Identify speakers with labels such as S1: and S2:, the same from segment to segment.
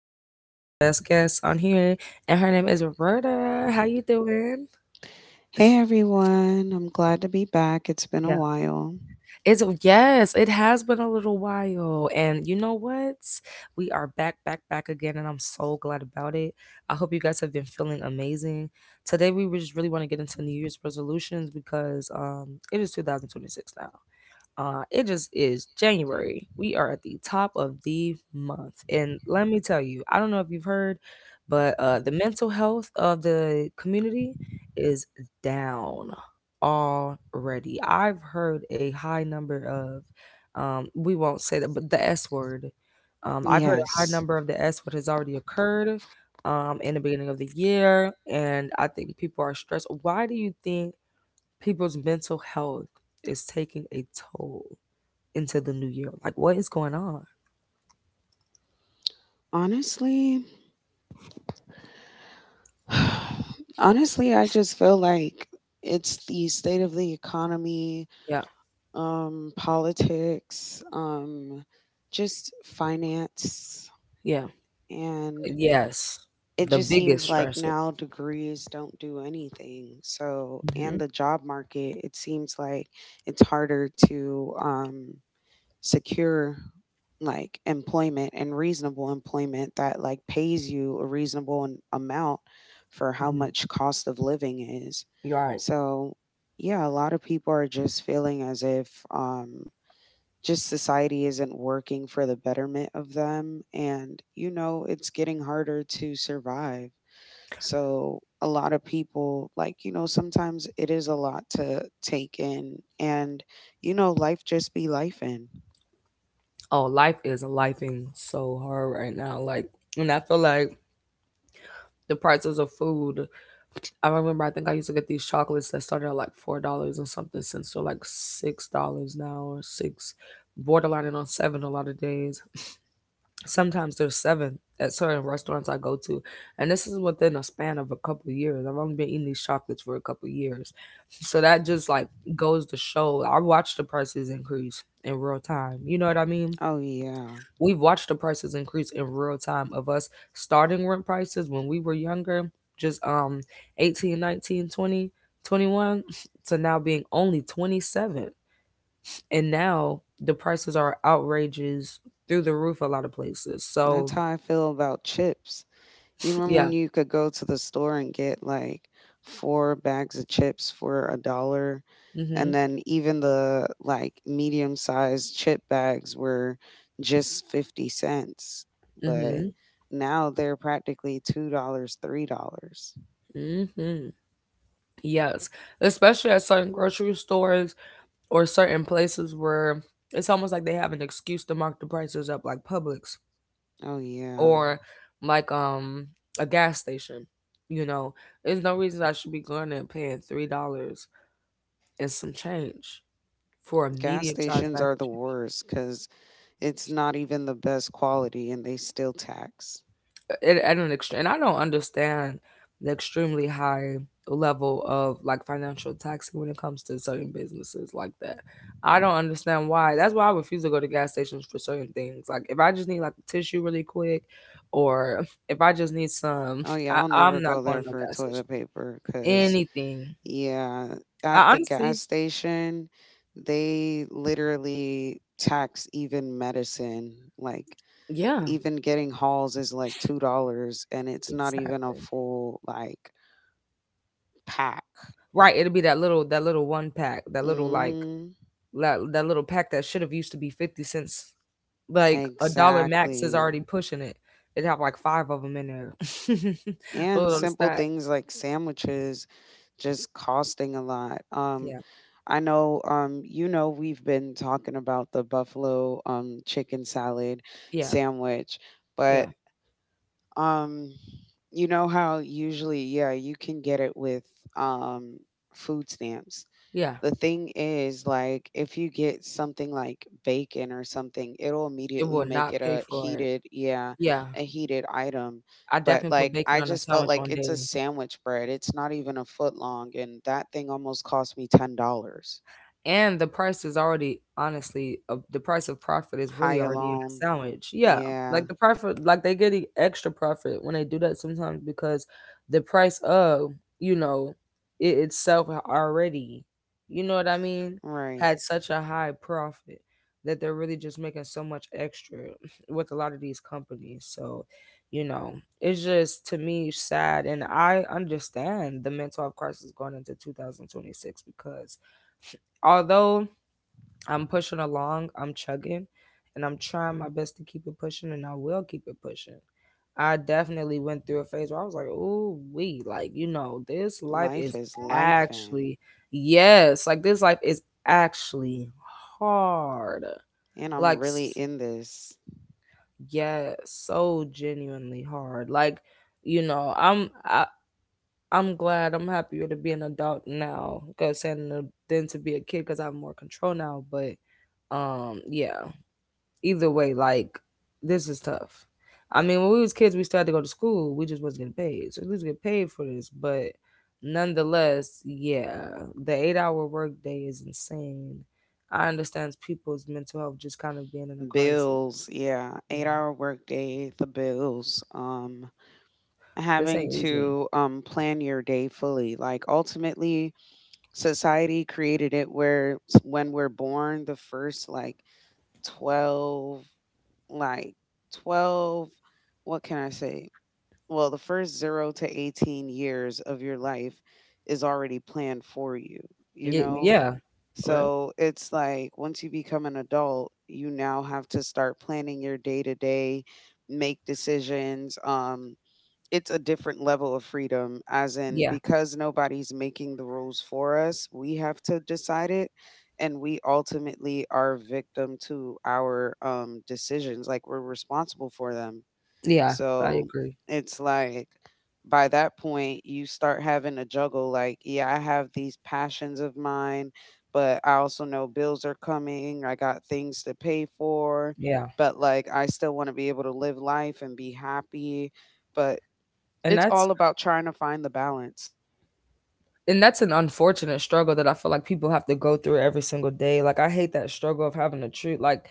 S1: one of the best guests on here, and her name is Roberta. How you doing?
S2: Hey everyone, I'm glad to be back. It's been a
S1: Yeah.
S2: while.
S1: It's yes, it has been a little while. And you know what? We are back, back, back again, and I'm so glad about it. I hope you guys have been feeling amazing. Today we just really want to get into New Year's resolutions because it is 2026 now. It just is January. We are at the top of the month. And let me tell you, I don't know if you've heard, but the mental health of the community is down already. I've heard a high number of, we won't say that, but the S word. I've heard a high
S2: Yes.
S1: number of the S word has already occurred in the beginning of the year. And I think people are stressed. Why do you think people's mental health is taking a toll? Into the new year. Like, what is going on?
S2: Honestly, I just feel like it's the state of the economy,
S1: Yeah,
S2: politics, just finance.
S1: yeah,
S2: And
S1: yes.
S2: it
S1: The
S2: just
S1: biggest
S2: seems like
S1: stressor.
S2: now degrees don't do anything. So,
S1: Hmm.
S2: and the job market, it seems like it's harder to, secure like employment and reasonable employment that like pays you a reasonable amount for how
S1: Hmm.
S2: much cost of living is.
S1: You're right.
S2: So, yeah, a lot of people are just feeling as if just society isn't working for the betterment of them, and you know, it's getting harder to survive. So, a lot of people like, sometimes it is a lot to take in, and life just be life in.
S1: Oh, life is lifing so hard right now. Like, and I feel like the prices of food. I remember I think I used to get these chocolates that started at like $4 or something, since they're like $6 now or six, borderlining on seven a lot of days. Sometimes there's seven at certain restaurants I go to, and this is within a span of a couple years. I've only been eating these chocolates for a couple years, so that just like goes to show. I watched the prices increase in real time. You know what I mean?
S2: Oh yeah.
S1: We've watched the prices increase in real time of us starting rent prices when we were younger, just 18, 19, 20, 21, to now being only 27. And now the prices are outrageous, through the roof a lot of places.
S2: That's
S1: So,
S2: how I feel about chips. You remember
S1: yeah.
S2: when you could go to the store and get like four bags of chips for a dollar?
S1: Mhm.
S2: And then even the like medium sized chip bags were just 50 cents. But
S1: Mhm.
S2: now they're practically $2, dollars, $3.
S1: Mhm. Yes, especially at certain grocery stores or certain places where it's almost like they have an excuse to mark the prices up, like Publix
S2: Oh, yeah.
S1: or like a gas station. You know, there's no reason I should be going and paying $3 and some change for a
S2: Gas
S1: medium sized
S2: stations are the
S1: package.
S2: worst because it's not even the best quality and they still tax.
S1: At an extreme, and I don't understand the extremely high level of like financial taxing when it comes to certain businesses like that. I don't understand why. That's why I refuse to go to gas stations for certain things. Like if I just need like tissue really quick, or if I just need some,
S2: Oh yeah,
S1: I,
S2: I'll
S1: I'm
S2: never
S1: not
S2: go
S1: going
S2: there
S1: to no
S2: for
S1: gas station.
S2: toilet paper, because,
S1: Anything.
S2: yeah,
S1: I
S2: at the
S1: honestly,
S2: gas station, they literally tax even medicine. Like
S1: yeah,
S2: even getting hauls is like $2, and it's not even a
S1: exactly.
S2: full like pack.
S1: Right. It'll be that little one pack, that little like
S2: Mm-hmm.
S1: that little pack that should have used to be 50 cents, like a dollar max is
S2: Exactly.
S1: already pushing it, it have like five of them in there. A
S2: And
S1: little
S2: simple
S1: stack.
S2: things like sandwiches just costing a lot.
S1: Yeah,
S2: I know, we've been talking about the buffalo chicken salad
S1: yeah,
S2: sandwich,
S1: yeah,
S2: but um, you know how usually, yeah, you can get it with um, food stamps.
S1: yeah.
S2: The thing is, like, if you get something like bacon or something, it'll
S1: It
S2: immediately
S1: will
S2: make
S1: not
S2: it
S1: pay
S2: a
S1: for it.
S2: heated, yeah,
S1: Yeah,
S2: a heated item.
S1: I
S2: But
S1: definitely put
S2: like,
S1: bacon
S2: I
S1: on a
S2: just felt
S1: sandwich
S2: like
S1: one
S2: it's
S1: day.
S2: a sandwich bread. It's not even a foot long, and that thing almost cost me $10.
S1: And the price is already honestly the price of profit is
S2: High
S1: really already in the
S2: alone.
S1: sandwich. Yeah, like
S2: Yeah,
S1: the profit, like they get the extra profit when they do that sometimes because the price of, you know, it itself already, you know what I mean,
S2: right.
S1: had such a high profit that they're really just making so much extra with a lot of these companies. So, you know, it's just to me sad, and I understand the mental health crisis going into 2026 because although I'm pushing along, I'm chugging, and I'm trying my best to keep it pushing, and I will keep it pushing. I definitely went through a phase where I was like, "Ooh, we like this life
S2: Life
S1: is
S2: is life, and
S1: actually yes, like this life is actually hard.
S2: I'm
S1: Like
S2: really
S1: s-
S2: in this.
S1: yes, so genuinely hard. Like I'm I." I'm glad I'm happier to be an adult now 'cause than to be a kid because I have more control now. But yeah. Either way, like this is tough. I mean, when we was kids, we still had to go to school. We just wasn't getting paid, so we was getting paid for this. But nonetheless, yeah, the 8-hour workday is insane. I understand people's mental health just kind of being in a crisis.
S2: Bills, yeah. Eight
S1: Yeah,
S2: hour workday, the bills.
S1: this
S2: Having
S1: ain't easy.
S2: to plan your day fully. Like ultimately society created it where when we're born, the first like 12 like twelve what can I say? Well, the first 0 to 18 years of your life is already planned for you, you
S1: Yeah,
S2: know?
S1: yeah, right.
S2: So, it's like once you become an adult, you now have to start planning your day to day, make decisions, it's a different level of freedom as in
S1: Yeah,
S2: because nobody's making the rules for us, we have to decide it, and we ultimately are victim to our decisions, like we're responsible for them.
S1: yeah. I
S2: So
S1: agree.
S2: it's like by that point, you start having to juggle like, yeah, I have these passions of mine, but I also know bills are coming. I got things to pay for,
S1: Yeah,
S2: but like I still want to be able to live life and be happy. But
S1: and
S2: it's
S1: that's
S2: all about trying to find the balance.
S1: and that's an unfortunate struggle that I feel like people have to go through every single day. Like I hate that struggle of having to treat like,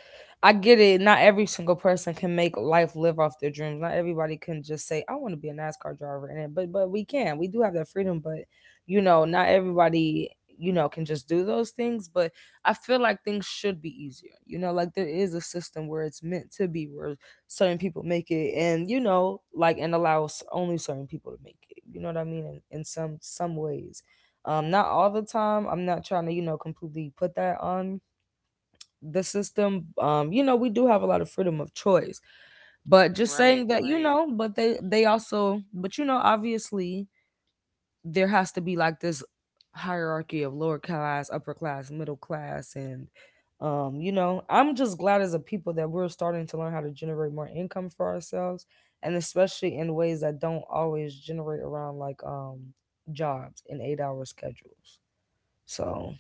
S1: I get it. Not every single person can make life live off their dreams. Not everybody can just say, "I want to be a NASCAR driver," and but we can. We do have that freedom, but you know, not everybody, you know, can just do those things. But I feel like things should be easier. You know, like there is a system where it's meant to be, where certain people make it, and you know, like and allows only certain people to make it. You know what I mean? In some ways, not all the time, I'm not trying to, you know, completely put that on the system, you know, we do have a lot of freedom of choice, but just
S2: Right,
S1: saying that, you
S2: right.
S1: know, but they also, but you know, obviously there has to be like this hierarchy of lower class, upper class, middle class, and you know, I'm just glad as a people that we're starting to learn how to generate more income for ourselves, and especially in ways that don't always generate around like jobs and 8-hour schedules. So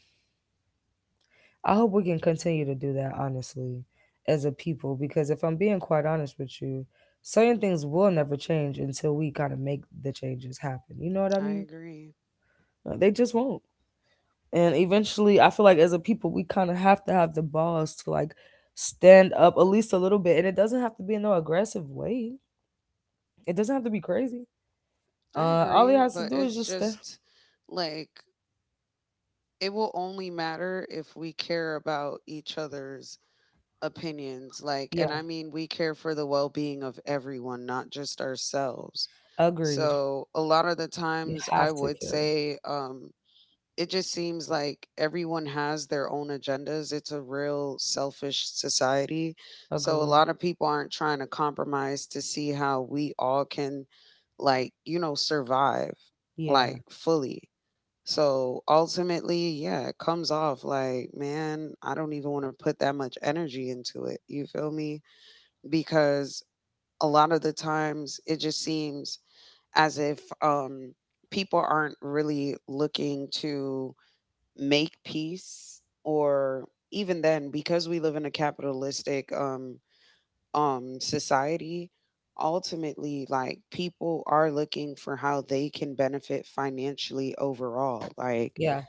S1: I hope we can continue to do that, honestly, as a people, because if I'm being quite honest with you, certain things will never change until we kind of make the changes happen. You know what I
S2: I
S1: mean?
S2: agree.
S1: Like, they just won't. And eventually, I feel like as a people, we kind of have to have the balls to like stand up at least a little bit. And it doesn't have to be in no aggressive way, it doesn't have to be crazy.
S2: I
S1: All it
S2: agree,
S1: has to
S2: but
S1: do is
S2: it's
S1: just stand.
S2: just like it will only matter if we care about each other's opinions, like, and
S1: Yeah,
S2: I mean we care for the well-being of everyone, not just ourselves.
S1: agreed.
S2: So a lot of the
S1: You
S2: times I
S1: have to
S2: would
S1: care.
S2: say, it just seems like everyone has their own agendas. It's a real selfish society. So a
S1: Agreed.
S2: lot of people aren't trying to compromise to see how we all can, like, survive
S1: Yeah,
S2: like fully. So ultimately, yeah, it comes off like, man, I don't even want to put that much energy into it. You feel me? Because a lot of the times it just seems as if people aren't really looking to make peace, or even then, because we live in a capitalistic society, ultimately like people are looking for how they can benefit financially overall. Like,
S1: yeah,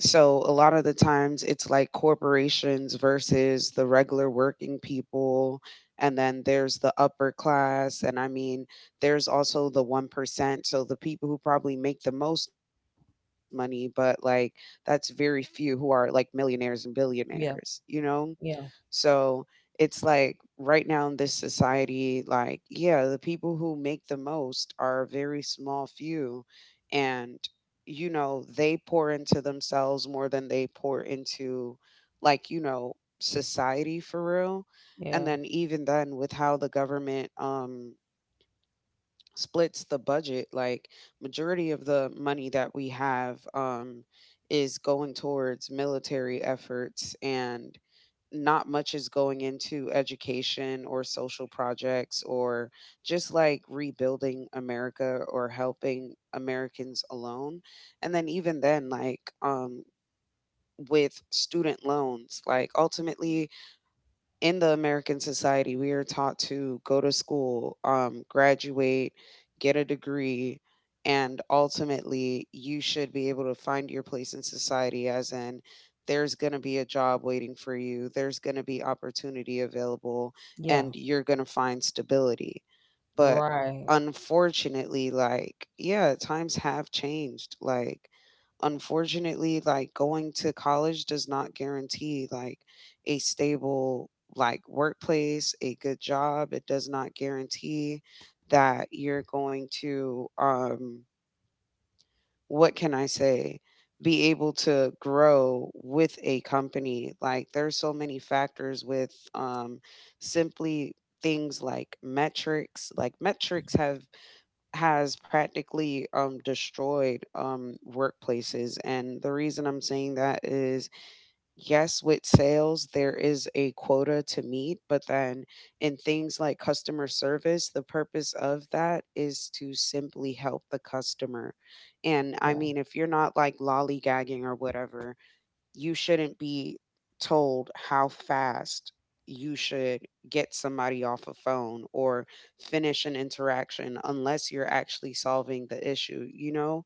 S2: so a lot of the times it's like corporations versus the regular working people, and then there's the upper class, and I mean there's also the 1%. So the people who probably make the most money, but like, that's very few, who are like millionaires and billionaires,
S1: yeah,
S2: you know?
S1: yeah,
S2: So it's like right now in this society, like, yeah, the people who make the most are a very small few. And, you know, they pour into themselves more than they pour into, like, society for real. And
S1: yeah,
S2: then even then, with how the government, splits the budget, like majority of the money that we have is going towards military efforts, and not much is going into education or social projects or just like rebuilding America or helping Americans alone. And then even then, like, with student loans, like ultimately in the American society, we are taught to go to school, graduate, get a degree, and ultimately you should be able to find your place in society, as in, there's going to be a job waiting for you, there's going to be opportunity available,
S1: yeah.
S2: and you're going to find stability. But
S1: Right.
S2: unfortunately, like, yeah, times have changed. Like, unfortunately, like, going to college does not guarantee like a stable like workplace, a good job. It does not guarantee that you're going to what can I say? Be able to grow with a company, like there's so many factors with simply things like metrics, have has practically destroyed workplaces. And the reason I'm saying that is, yes, with sales, there is a quota to meet, but then in things like customer service, the purpose of that is to simply help the customer. And I
S1: Yeah.
S2: mean, if you're not like lollygagging or whatever, you shouldn't be told how fast you should get somebody off a phone or finish an interaction unless you're actually solving the issue. You know,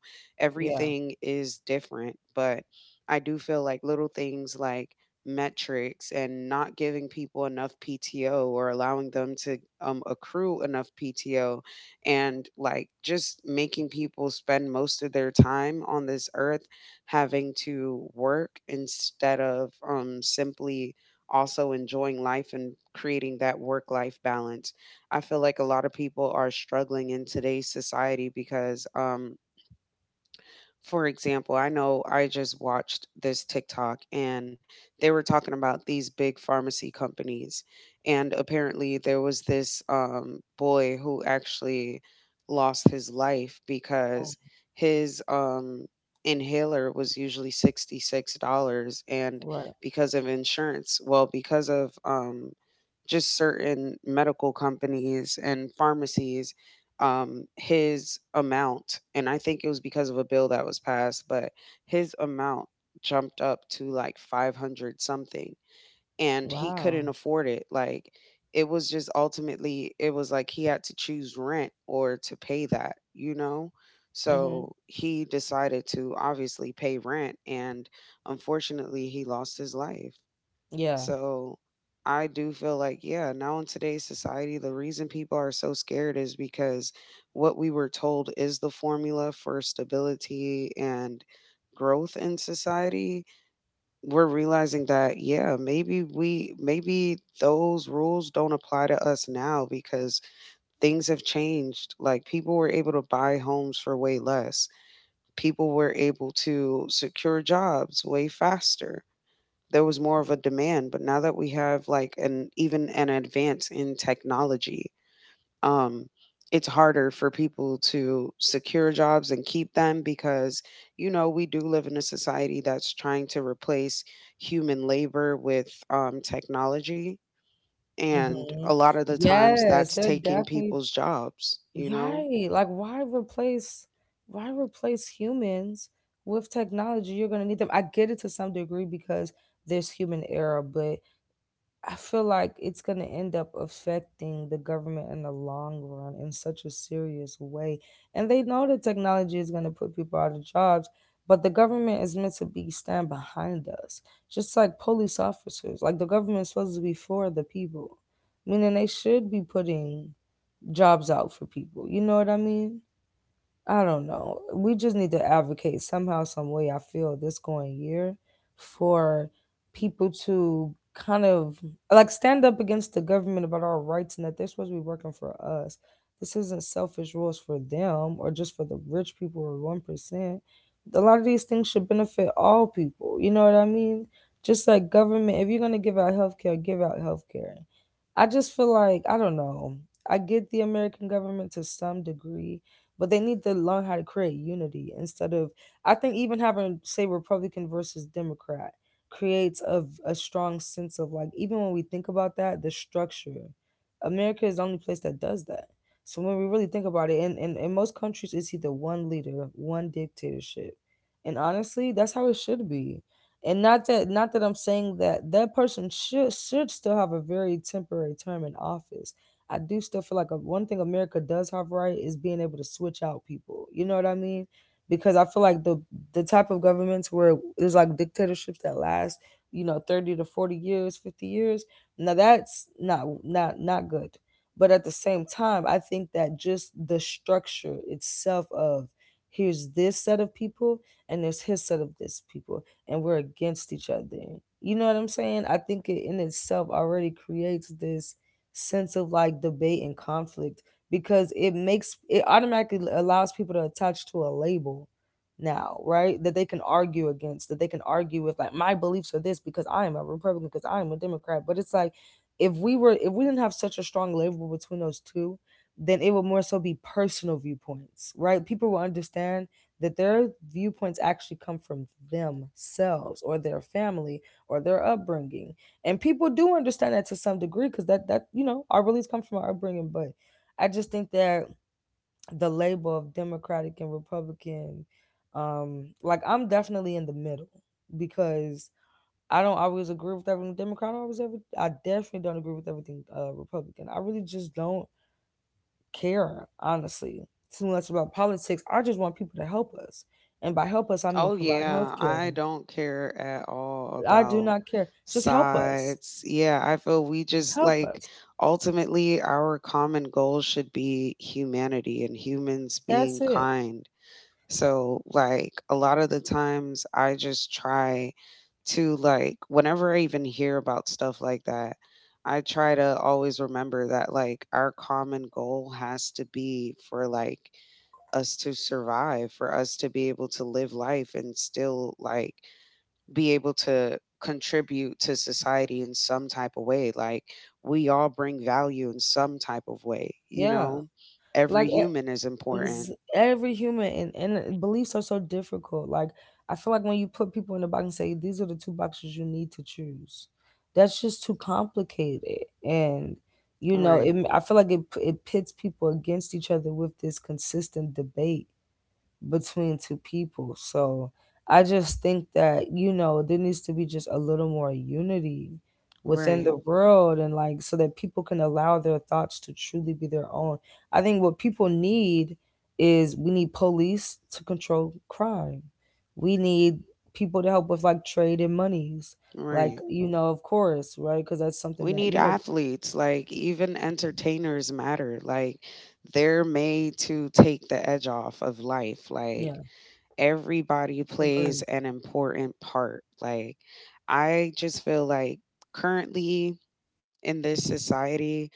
S1: Yeah.
S2: everything is different, but I do feel like little things like metrics, and not giving people enough PTO, or allowing them to accrue enough PTO, and like just making people spend most of their time on this earth having to work instead of simply also enjoying life and creating that work life balance. I feel like a lot of people are struggling in today's society because, for example, I know I just watched this TikTok and they were talking about these big pharmacy companies. And apparently, there was this boy who actually lost his life
S1: Oh,
S2: because his inhaler was usually $66. And
S1: right.
S2: because of insurance, well, because of just certain medical companies and pharmacies, his amount, and I think it was because of a bill that was passed, but his amount jumped up to like 500 something, and he
S1: Wow.
S2: couldn't afford it. Like, it was just ultimately, it was like he had to choose rent or to pay that, you know?
S1: Mm-hmm.
S2: So he decided to obviously pay rent, and unfortunately he lost his life.
S1: Yeah.
S2: So I do feel like, yeah, now in today's society, the reason people are so scared is because what we were told is the formula for stability and growth in society. We're realizing that, yeah, maybe those rules don't apply to us now because things have changed. Like, people were able to buy homes for way less, people were able to secure jobs way faster, there was more of a demand, but now that we have like an advance in technology, um, it's harder for people to secure jobs and keep them because you know we do live in a society that's trying to replace human labor with technology, and
S1: Mm-hmm.
S2: a lot of the times
S1: Yes,
S2: that's
S1: they're
S2: taking
S1: definitely
S2: people's jobs.
S1: right. Like, why replace humans with technology? You're gonna need them. I get it to some degree because there's human error, but I feel like it's going to end up affecting the government in the long run in such a serious way. And they know that technology is going to put people out of jobs, but the government is meant to be stand behind us, just like police officers. Like the government is supposed to be for the people, meaning they should be putting jobs out for people. You know what I mean? I don't know. We just need to advocate somehow, some way. I feel this going year for people to kind of like stand up against the government about our rights and that they're supposed to be working for us. This isn't selfish rules for them or just for the rich people or 1%. A lot of these things should benefit all people. You know what I mean? Just like government, if you're gonna give out healthcare, give out healthcare. I just feel like I don't know. I get the American government to some degree, but they need to learn how to create unity instead of, I think, even having say Republican versus Democrat creates a strong sense of, like, even when we think about that the structure, America is the only place that does that. So when we really think about it, in most countries it's either one leader, one dictatorship, and honestly, that's how it should be. And not that I'm saying that that person should still have a very temporary term in office. I do still feel like one thing America does have right is being able to switch out people. You know what I mean? Because I feel like the type of governments where there's like dictatorships that last, you know, 30 to 40 years, 50 years. Now that's not good. But at the same time, I think that just the structure itself of, here's this set of people and there's his set of this people and we're against each other. You know what I'm saying? I think it in itself already creates this sense of like debate and conflict because it makes it automatically allows people to attach to a label now, right? That they can argue against, that they can argue with, like, my beliefs are this because I am a Republican, because I am a Democrat. But it's like if we didn't have such a strong label between those two, then it would more so be personal viewpoints, right? People will understand that their viewpoints actually come from themselves or their family or their upbringing. And people do understand that to some degree because that you know, our beliefs come from our upbringing. But I just think that the label of democratic and republican, like, I'm definitely in the middle because I don't always agree with everything democrat. I definitely don't agree with everything republican. I really just don't care honestly too much about politics. I just want people to help us. And by help us, I mean
S2: Oh
S1: provide health
S2: yeah,
S1: care.
S2: I don't care at all
S1: I do
S2: about
S1: not care, just help us.
S2: sides. Yeah, I feel we just
S1: Help
S2: like
S1: us.
S2: ultimately our common goal should be humanity and humans
S1: That's
S2: being
S1: it.
S2: kind. So like a lot of the times I just try to like whenever I even hear about stuff like that, I try to always remember that like our common goal has to be for like us to survive, for us to be able to live life and still like be able to contribute to society in some type of way. Like we all bring value in some type of way, you
S1: Yeah.
S2: know? Every
S1: Like
S2: human is important.
S1: every human. And beliefs are so difficult. Like, I feel like when you put people in a box and say these are the two boxes you need to choose, that's just too complicated. And, you know,
S2: Right,
S1: I feel like it pits people against each other with this consistent debate between two people. So I just think that, you know, there needs to be just a little more unity within
S2: right,
S1: the world and like, so that people can allow their thoughts to truly be their own. I think what people need is, we need police to control crime. We need people to help with like trade and monies. Like,
S2: right.
S1: you know, of course, right? Because that's
S2: We
S1: something that,
S2: need
S1: you know,
S2: athletes, like even entertainers matter. Like they're made to take the edge off of life.
S1: yeah,
S2: Like everybody plays
S1: agreed.
S2: an important part. Like, I just feel like currently in this society,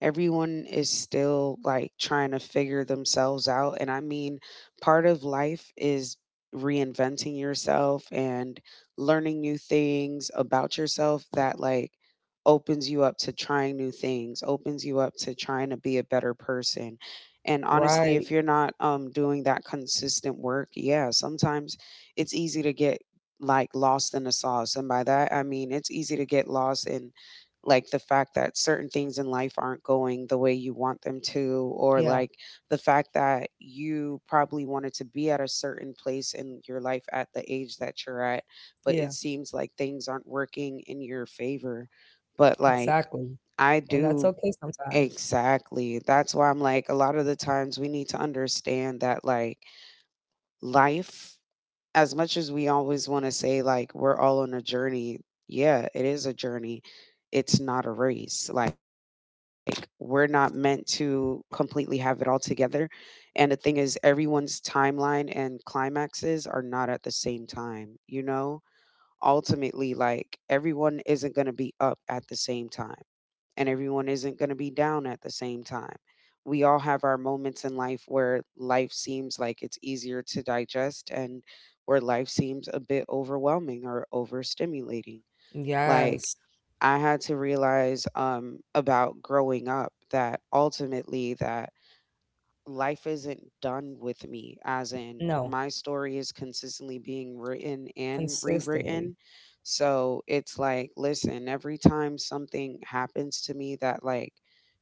S2: everyone is still like trying to figure themselves out. And I mean, part of life is reinventing yourself and learning new things about yourself that like opens you up to trying new things, opens you up to trying to be a better person. And honestly,
S1: Right.
S2: if you're not doing that consistent work, yeah, sometimes it's easy to get like lost in the sauce. And by that, I mean, it's easy to get lost in like the fact that certain things in life aren't going the way you want them to, or
S1: Yeah.
S2: like the fact that you probably wanted to be at a certain place in your life at the age that you're at, but
S1: Yeah.
S2: it seems like things aren't working in your favor. But like,
S1: Exactly.
S2: I
S1: And that's
S2: do
S1: okay sometimes.
S2: exactly. That's why I'm like, a lot of the times we need to understand that like life, as much as we always want to say like we're all on a journey, yeah, it is a journey. It's not a race. Like we're not meant to completely have it all together. And the thing is everyone's timeline and climaxes are not at the same time, you know? Ultimately like everyone isn't going to be up at the same time and everyone isn't going to be down at the same time. We all have our moments in life where life seems like it's easier to digest and where life seems a bit overwhelming or overstimulating. Like,
S1: Yes.
S2: I had to realize about growing up that ultimately that life isn't done with me, as in
S1: No,
S2: my story is consistently being written and
S1: consistently.
S2: rewritten. So it's like, listen, every time something happens to me that like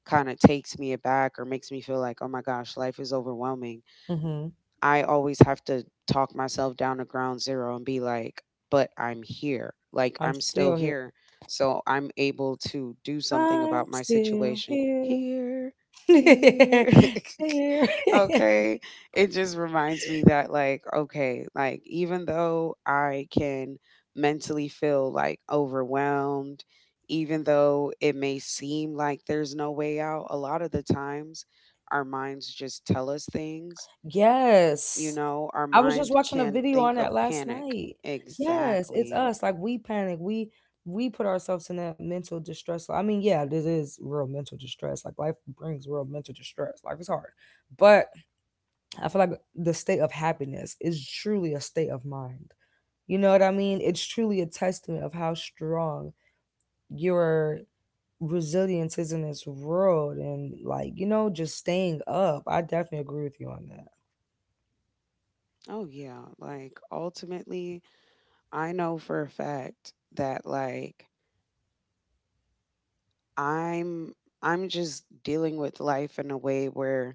S2: kind of takes me aback or makes me feel like, oh my gosh, life is overwhelming,
S1: Hmm.
S2: I always have to talk myself down to ground zero and be like, but I'm here. Like,
S1: I'm
S2: I'm still
S1: still here.
S2: here. So I'm able to do something
S1: I'm
S2: about my
S1: still
S2: situation
S1: here.
S2: here, here.
S1: Here.
S2: Okay. It just reminds me that, like, okay, like, even though I can mentally feel like overwhelmed, even though it may seem like there's no way out, a lot of the times our minds just tell us things, you
S1: Yes.
S2: know, our
S1: I was just
S2: mind
S1: watching a
S2: can
S1: video on
S2: think
S1: that
S2: of
S1: last
S2: panic.
S1: night. Yes, it's
S2: Exactly.
S1: us. Like, we panic. We put ourselves in that mental distress. I mean, yeah, this is real mental distress. Like, life brings real mental distress. Life is hard. But I feel like the state of happiness is truly a state of mind. You know what I mean? It's truly a testament of how strong your resilience is in this world and like, you know, just staying up. I definitely agree with you on that.
S2: Oh, yeah. Like, ultimately, I know for a fact that, like, I'm. I'm just dealing with life in a way where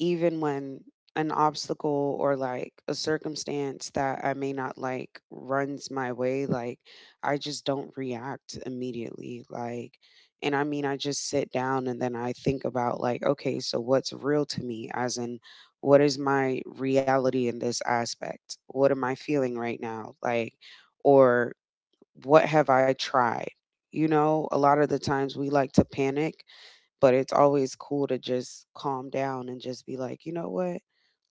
S2: even when an obstacle or like a circumstance that I may not like runs my way, like I just don't react immediately. Like, and I mean, I just sit down and then I think about, like, okay, so what's real to me? As in, what is my reality in this aspect? What am I feeling right now? Like, or what have I tried? You know, a lot of the times we like to panic, but it's always cool to just calm down and just be like, you know what?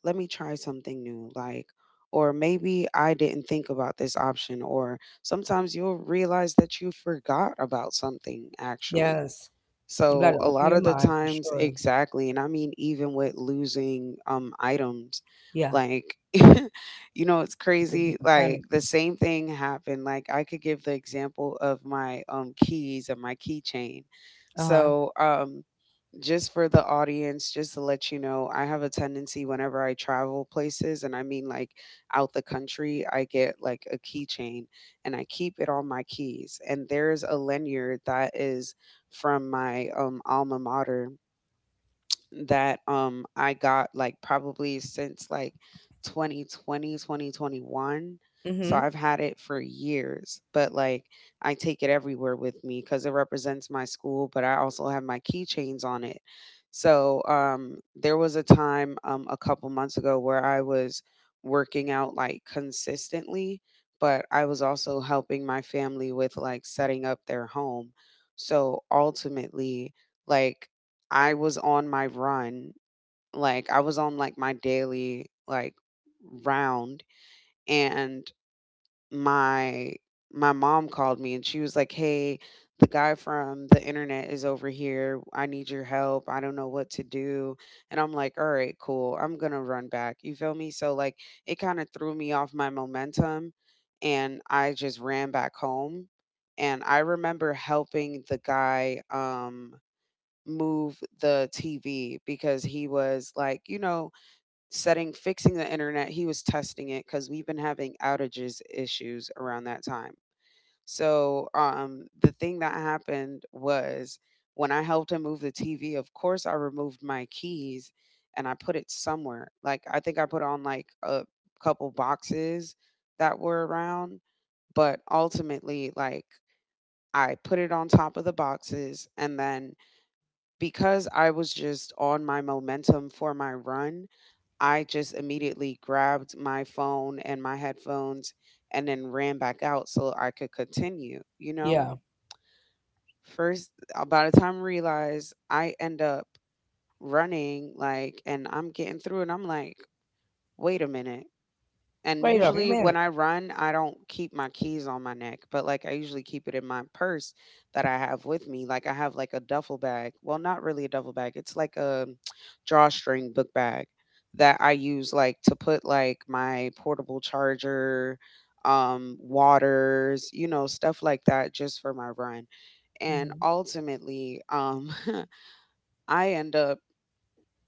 S2: Let me try something new. Like, or maybe I didn't think about this option. Or sometimes you'll realize that you forgot about something actually.
S1: Yes. You
S2: So
S1: gotta
S2: a
S1: open
S2: lot
S1: your
S2: of the
S1: mind for
S2: times,
S1: sure.
S2: exactly. And I mean, even with losing items,
S1: Yeah.
S2: like, you know, it's
S1: You could
S2: crazy.
S1: get the panic.
S2: Like the same thing happened. Like I could give the example of my keys and my keychain.
S1: Uh-huh.
S2: So, just for the audience, just to let you know, I have a tendency whenever I travel places, and I mean like out the country, I get like a keychain and I keep it on my keys. And there's a lanyard that is from my alma mater that I got like probably since like 2021. So
S1: Mm-hmm.
S2: I've had it for years, but like I take it everywhere with me because it represents my school, but I also have my keychains on it. So there was a time a couple months ago where I was working out like consistently, but I was also helping my family with like setting up their home. So ultimately, like I was on my run, like, I was on, like, my daily, like, round, and my my mom called me and she was like, "Hey, the guy from the internet is over here. I need your help. I don't know what to do." And I'm like, "All right, cool. I'm gonna run back." You feel me? So, like, it kinda threw me off my momentum, and I just ran back home, and I remember helping the guy, move the TV, because he was like, you know, setting fixing the internet. He was testing it because we've been having outages issues around that time. So the thing that happened was when I helped him move the TV. Of course, I removed my keys and I put it somewhere. Like I think I put on like a couple boxes that were around, but ultimately, like I put it on top of the boxes and then because I was just on my momentum for my run, I just immediately grabbed my phone and my headphones and then ran back out so I could continue, you know?
S1: Yeah.
S2: By the time I realized, I end up running, like, and I'm getting through, and I'm like, wait a minute. And
S1: Wait a
S2: usually when
S1: minute.
S2: I run, I don't keep my keys on my neck, but like I usually keep it in my purse that I have with me. Like I have like a duffel bag. Well, not really a duffel bag. It's like a drawstring book bag that I use like to put like my portable charger, waters, you know, stuff like that just for my run. And
S1: Mm-hmm.
S2: ultimately, I end up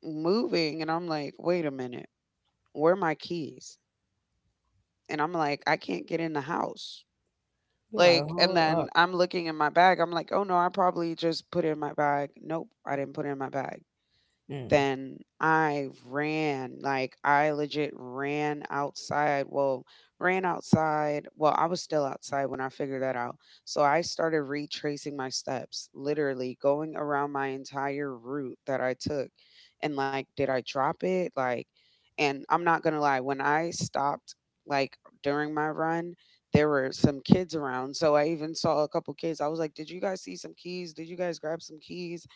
S2: moving and I'm like, wait a minute, where are my keys? And I'm like, I can't get in the house.
S1: You're like,
S2: Like, and
S1: hold
S2: then
S1: up.
S2: I'm looking in my bag. I'm like, oh no, I probably just put it in my bag. Nope, I didn't put it in my bag.
S1: Mm.
S2: Then I ran. Like I legit ran outside. Well, ran outside. Well, I was still outside when I figured that out. So I started retracing my steps, literally going around my entire route that I took. And like, did I drop it? Like, and I'm not gonna lie, when I stopped, like during my run, there were some kids around. So I even saw a couple kids. I was like, did you guys see some keys? Did you guys grab some keys?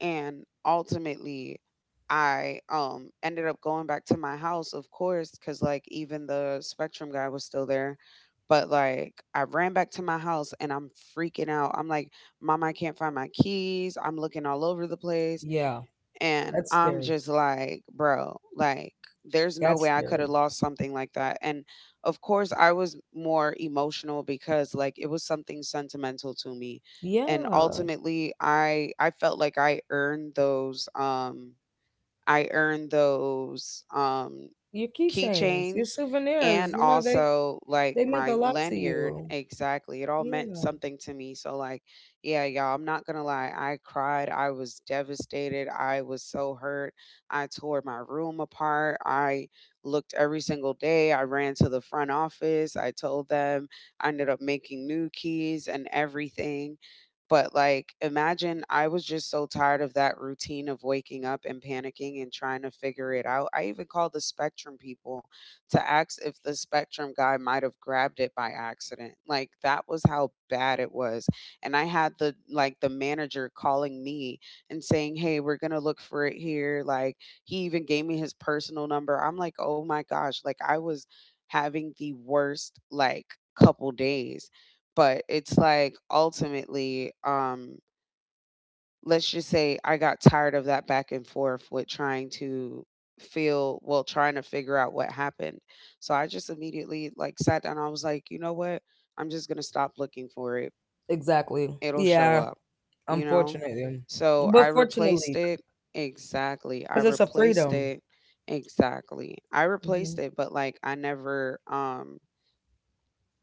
S2: And ultimately, I ended up going back to my house, of course, because like even the Spectrum guy was still there, but like I ran back to my house and I'm freaking out. I'm like, mom, I can't find my keys, I'm looking all over the place.
S1: Yeah.
S2: And
S1: That's
S2: I'm
S1: scary.
S2: just like, bro, like, there's no
S1: That's
S2: way I could
S1: scary.
S2: have lost something like that. And of course, I was more emotional because, like, it was something sentimental to me. And
S1: Yeah.
S2: ultimately, I felt like I earned those I earned those um
S1: Your keychains, your
S2: keychains,
S1: souvenirs,
S2: and
S1: you know, they—
S2: also like
S1: They meant a
S2: my
S1: lot to
S2: lanyard,
S1: you.
S2: exactly, it all meant
S1: Yeah.
S2: something to me, so like, yeah, y'all, I'm not gonna lie, I cried, I was devastated, I was so hurt, I tore my room apart, I looked every single day, I ran to the front office, I told them, I ended up making new keys and everything. But like, imagine, I was just so tired of that routine of waking up and panicking and trying to figure it out. I even called the Spectrum people to ask if the Spectrum guy might have grabbed it by accident. Like, that was how bad it was. And I had the like the manager calling me and saying, "Hey, we're going to look for it here." Like, he even gave me his personal number. I'm like, "Oh my gosh," like I was having the worst like couple days, but it's like ultimately, let's just say I got tired of that back and forth with trying to trying to figure out what happened. So I just immediately like sat down. I was like, you know what? I'm just gonna stop looking for it.
S1: Exactly.
S2: It'll show
S1: Yeah,
S2: up, you know?
S1: unfortunately.
S2: So
S1: But
S2: I replaced
S1: fortunately,
S2: it, exactly. I
S1: because it's a
S2: replaced
S1: freedom.
S2: it exactly. I replaced
S1: Hmm.
S2: it, but like I never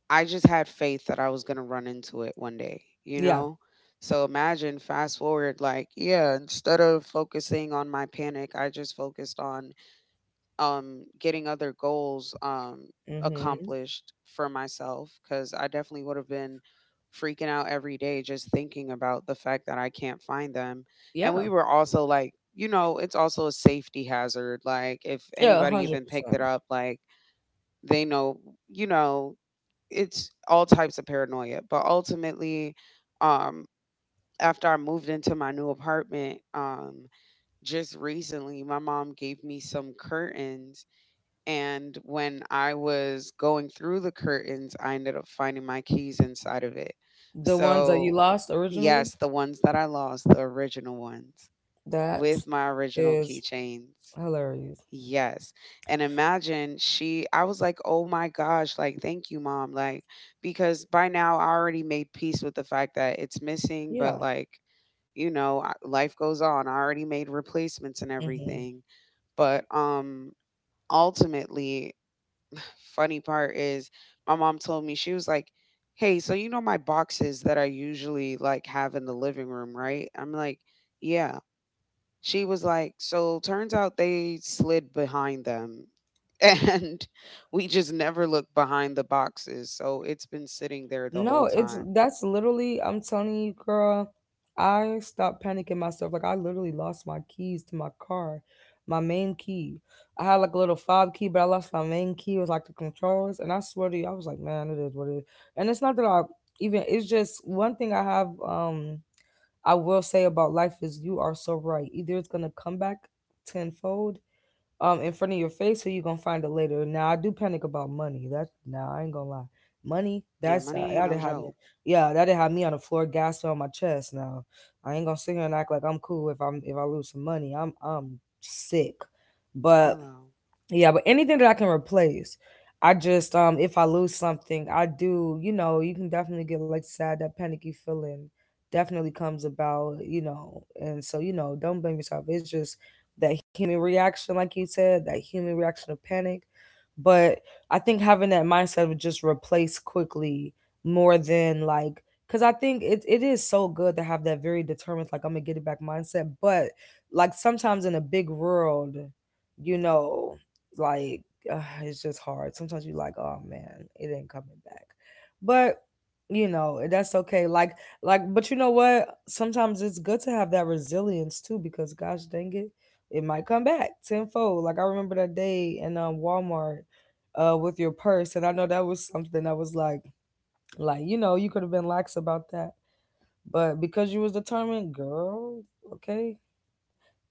S2: I just had faith that I was going to run into it one day, you
S1: Yeah.
S2: know? So imagine fast forward like, yeah, instead of focusing on my panic, I just focused on getting other goals
S1: Hmm.
S2: accomplished for myself, cuz I definitely would have been freaking out every day just thinking about the fact that I can't find them. And
S1: Yeah.
S2: we were also like, you know, it's also a safety hazard. Like if
S1: Yeah,
S2: anybody even picked
S1: 100%.
S2: it up, like they know, you know, it's all types of paranoia. But ultimately, um, after I moved into my new apartment, just recently, my mom gave me some curtains. And when I was going through the curtains, I ended up finding my keys inside of it.
S1: The ones that you
S2: So,
S1: lost originally,
S2: yes, the ones that I lost, the original ones
S1: that
S2: with my original
S1: is
S2: keychains.
S1: hilarious.
S2: Yes. And imagine, she I was like, "Oh my gosh, like thank you, mom." Like, because by now I already made peace with the fact that it's missing,
S1: Yeah.
S2: but like, you know, life goes on. I already made replacements and
S1: Hmm.
S2: everything. But ultimately, funny part is my mom told me. She was like, "Hey, so you know my boxes that I usually like have in the living room, right?" I'm like, "Yeah." She was like, so turns out they slid behind them. And we just never looked behind the boxes. So it's been sitting there the whole
S1: No, it's—
S2: time.
S1: That's literally, I'm telling you, girl, I stopped panicking myself. Like, I literally lost my keys to my car, my main key. I had like a little fob key, but I lost my main key. It was like the controls. And I swear to you, I was like, man, it is what it is. And it's not that I even— it's just one thing I have, I will say about life, is you are so right. Either it's gonna come back tenfold in front of your face, or you gonna find it later. Now, I do panic about money. That's— Now, I ain't gonna lie. Money,
S2: Yeah,
S1: that's
S2: money ain't
S1: that
S2: no
S1: did have me.
S2: joke.
S1: Yeah, that did have me on the floor, gasping on my chest. Now, I ain't gonna sit here and act like I'm cool if I'm if I lose some money. I'm sick, but
S2: Hello.
S1: yeah, but anything that I can replace. I just— if I lose something, I do, you know, you can definitely get like sad, that panicky feeling definitely comes about, you know. And so, you know, don't blame yourself. It's just that human reaction, like you said, that human reaction of panic. But I think having that mindset of just replace quickly more than like— because I think it is so good to have that very determined, like, I'm gonna get it back mindset. But like, sometimes in a big world, you know, like, it's just hard. Sometimes you like, oh man, it ain't coming back. But you know, that's okay. Like— like, but you know what? Sometimes it's good to have that resilience too, because gosh dang it, it might come back tenfold. Like, I remember that day in Walmart with your purse, and I know that was something that was like— like, you know, you could have been lax about that. But because you was determined, girl, okay,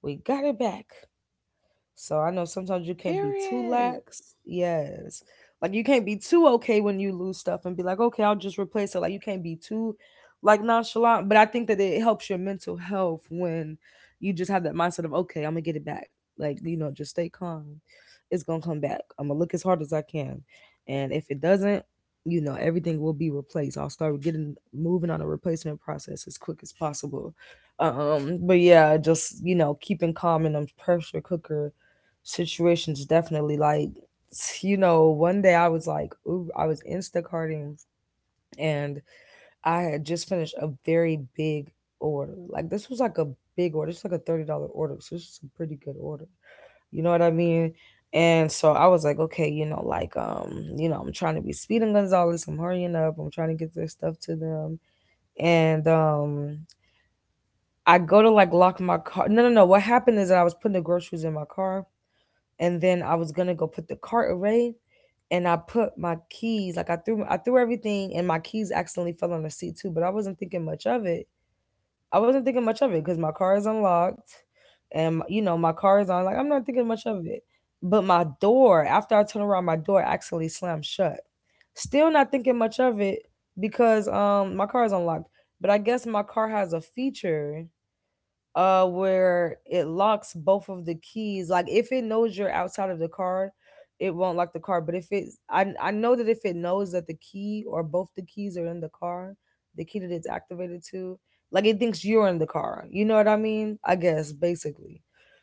S1: we got it back. So I know sometimes you can't be too
S2: Period.
S1: lax. Yes. Like, you can't be too okay when you lose stuff and be like, okay, I'll just replace it. Like, you can't be too like nonchalant. But I think that it helps your mental health when you just have that mindset of, okay, I'm gonna get it back. Like, you know, just stay calm. It's gonna come back. I'm gonna look as hard as I can. And if it doesn't, you know, everything will be replaced. I'll start getting— moving on a replacement process as quick as possible. But yeah, just, you know, keeping calm in a pressure cooker situations, definitely, like, you know, one day I was like, ooh, I was instacarting, and I had just finished a very big order. Like, this was like a big order. It's like a $30 order, so this is a pretty good order, you know what I mean? And so I was like, okay, you know, like, you know, I'm trying to be speeding gonzalez, I'm hurrying up, I'm trying to get this stuff to them. And I go to like lock my car. No, no, no, what happened is that I was putting the groceries in my car, and then I was gonna go put the cart away, and I put my keys— like, I threw— everything, and my keys accidentally fell on the seat too. But I wasn't thinking much of it. I wasn't thinking much of it because my car is unlocked, and you know, my car is on. Like, I'm not thinking much of it. But my door, after I turned around, my door accidentally slammed shut. Still not thinking much of it because my car is unlocked. But I guess my car has a feature where it locks both of the keys, like, if it knows you're outside of the car, it won't lock the car. But if it's— I know that if it knows that the key or both the keys are in the car, the key that it's activated to, like, it thinks you're in the car, you know what I mean, I guess, basically.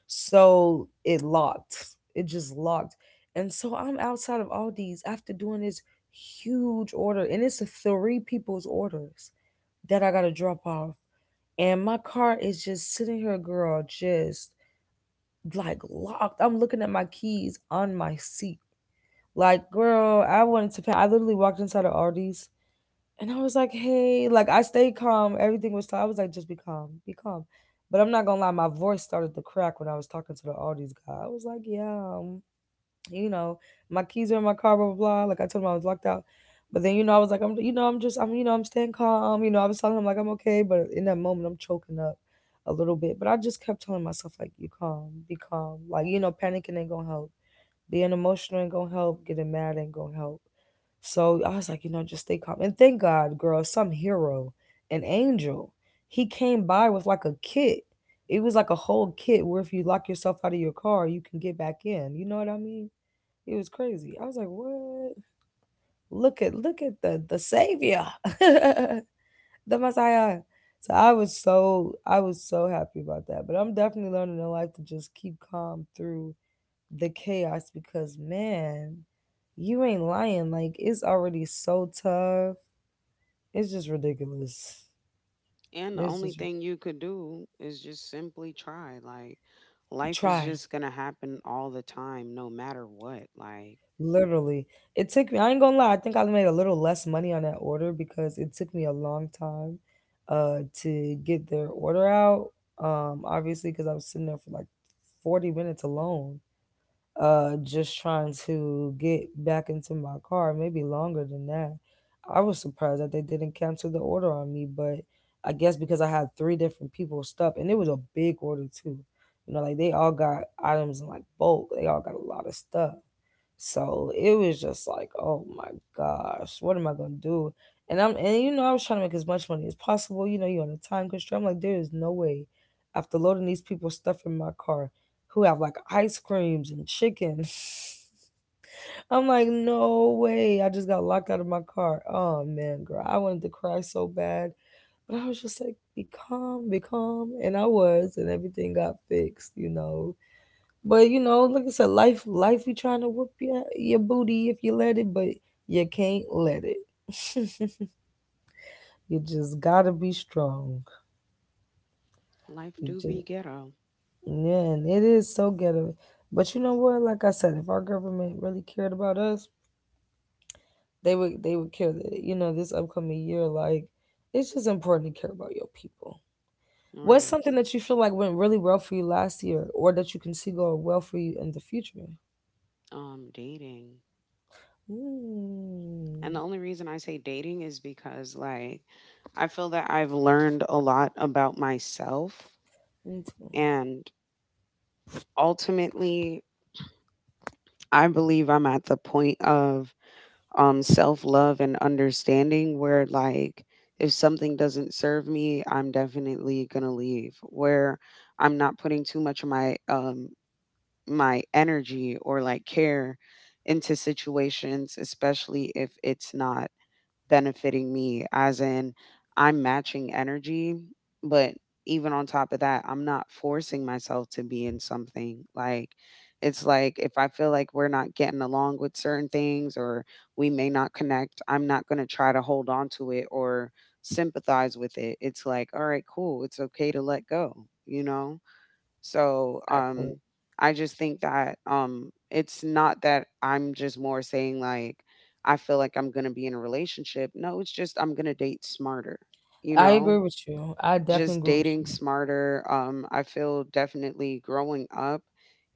S1: So it locked. It just locked And so I'm outside of Aldi's after doing this huge order, and it's a three people's orders that I gotta drop off. And my car is just sitting here, girl, just like, locked. I'm looking at my keys on my seat. Like, girl, I wanted to pan— I literally walked inside of Aldi's, and I was like, hey, like— I stayed calm. Everything was fine. I was like, just be calm, be calm. But I'm not gonna lie, my voice started to crack when I was talking to the Aldi's guy. I was like, yeah, you know, my keys are in my car, blah blah blah. Like, I told him I was locked out. But then, you know, I was like, I'm just— I'm staying calm. You know, I was telling him like, I'm okay. But in that moment, I'm choking up a little bit. But I just kept telling myself like, you calm, be calm. Like, you know, panicking ain't gonna help. Being emotional ain't gonna help. Getting mad ain't gonna help. So I was like, you know, just stay calm. And thank God, girl, some hero, an angel, he came by with like a kit. It was like a whole kit where if you lock yourself out of your car, you can get back in. You know what I mean? It was crazy. I was like, what? Look at— look at the savior, the Messiah. I was so happy about that. But I'm definitely learning in life to just keep calm through the chaos, because man, you ain't lying. Like, it's already so tough. It's just ridiculous.
S2: And the
S1: It's
S2: only
S1: just
S2: thing you could do is just simply try. Like, life is
S1: try.
S2: just going to happen all the time, no matter what. Like,
S1: Literally. It took me— I ain't gonna lie, I think I made a little less money on that order because it took me a long time to get their order out. Um, obviously because I was sitting there for like 40 minutes alone. Just trying to get back into my car, maybe longer than that. I was surprised that they didn't cancel the order on me, but I guess because I had three different people stuff and it was a big order too. You know, like they all got items in like bulk, they all got a lot of stuff. So it was just like, oh my gosh, what am I gonna do? And I'm and you know, I was trying to make as much money as possible. You know, you're on a time constraint. I'm like, there is no way, after loading these people stuff in my car who have like ice creams and chicken. I'm like, no way. I just got locked out of my car. Oh man, girl. I wanted to cry so bad. But I was just like, be calm, be calm. And everything got fixed, you know. But you know, like I said, life be trying to whoop your booty if you let it, but you can't let it. You just gotta be strong.
S2: life
S1: You
S2: do be
S1: just,
S2: ghetto.
S1: yeah, and it is so ghetto. But you know what? Like I said, if our government really cared about us, they would care that, you know, this upcoming year. Like it's just important to care about your people. What's
S2: Right.
S1: something that you feel like went really well for you last year, or that you can see going well for you in the future?
S2: Dating. And
S1: Mm,
S2: the only reason I say dating is because, like, I feel that I've learned a lot about myself.
S1: me too.
S2: And ultimately, I believe I'm at the point of self love and understanding where, like, if something doesn't serve me, I'm definitely going to leave. Where I'm not putting too much of my, my energy or like care into situations, especially if it's not benefiting me as in I'm matching energy, but even on top of that, I'm not forcing myself to be in something. Like it's like if I feel like we're not getting along with certain things or we may not connect, I'm not going to try to hold on to it or sympathize with it. It's like, all right, cool. It's okay to let go, you know? So,
S1: Exactly.
S2: I just think that it's not that I'm just more saying like I feel like I'm gonna be in a relationship. No, it's just I'm gonna date smarter. You
S1: I agree
S2: know,
S1: with you. I definitely
S2: just
S1: agree with
S2: dating
S1: you.
S2: smarter. I feel definitely growing up,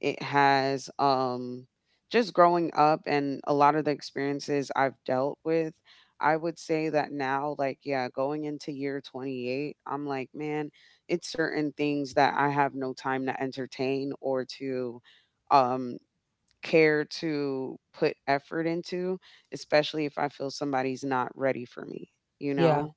S2: it has just growing up and a lot of the experiences I've dealt with. I would say that now, like, yeah, going into year 28, I'm like, man, it's certain things that I have no time to entertain or to um, care to put effort into, especially if I feel somebody's not ready for me, you
S1: Yeah,
S2: know?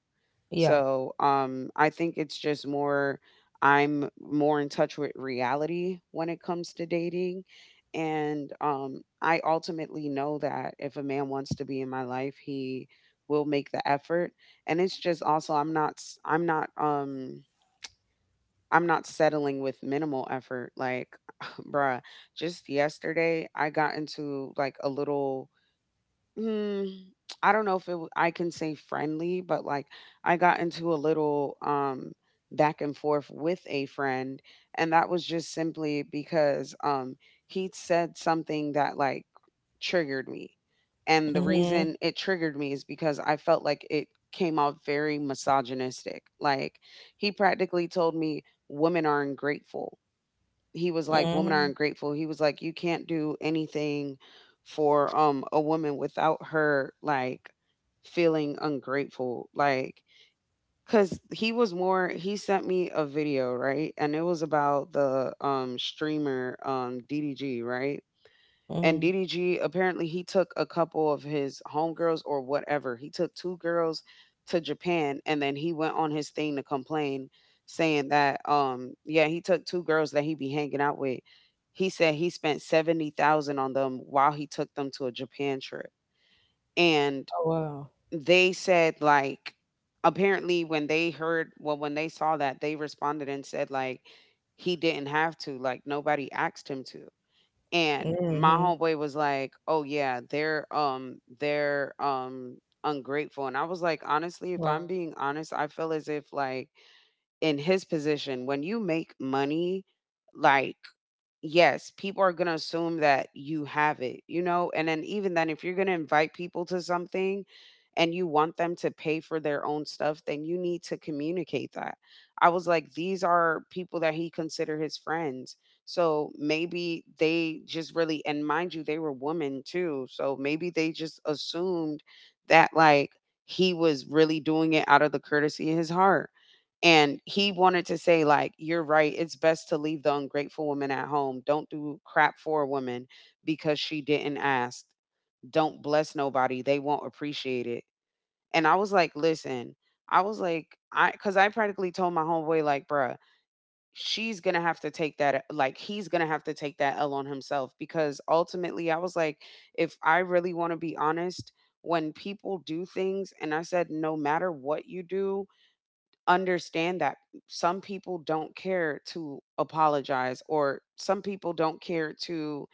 S1: yeah.
S2: So, I think it's just more I'm more in touch with reality when it comes to dating. And I ultimately know that if a man wants to be in my life, he will make the effort. And it's just also I'm not settling with minimal effort. Like, bruh, just yesterday I got into like a little Hmm, I don't know if I can say friendly, but like I got into a little back and forth with a friend, and that was just simply because he said something that like triggered me. And the
S1: Mhm.
S2: reason it triggered me is because I felt like it came off very misogynistic. Like he practically told me women are ungrateful. He was like, "Women are
S1: Mhm.
S2: ungrateful." He was like, "You can't do anything for a woman without her like feeling ungrateful." Like cuz he was more he sent me a video, right? And it was about the streamer DDG, right? And
S1: Mhm.
S2: DDG apparently he took a couple of his homegirls or whatever. He took two girls to Japan and then he went on his thing to complain saying that yeah, he took two girls that he be hanging out with. He said he spent 70,000 on them while he took them to a Japan trip. And
S1: Oh wow.
S2: they said like apparently when they heard, well when they saw that, they responded and said like he didn't have to, like nobody asked him to. And my
S1: Mhm.
S2: homeboy was like, "Oh yeah, they're ungrateful." And I was like, "Honestly, if
S1: Right.
S2: I'm being honest, I feel as if like in his position, when you make money, like yes, people are going to assume that you have it, you know? And then, even then, if you're going to invite people to something and you want them to pay for their own stuff, then you need to communicate that. I was like, these are people that he consider his friends. So maybe they just really, and mind you, they were women too. So maybe they just assumed that, like, he was really doing it out of the courtesy of his heart and he wanted to say, like, you're right. It's best to leave the ungrateful woman at home. Don't do crap for a woman because she didn't ask. Don't bless nobody. They won't appreciate it. And I was like, listen, I was like, I, cause I practically told my homeboy, like, bruh, she's gonna have to take that, like, he's gonna have to take that L on himself because ultimately I was like, if I really wanna be honest, when people do things, and I said, no matter what you do, understand that some people don't care to apologize or some people don't care to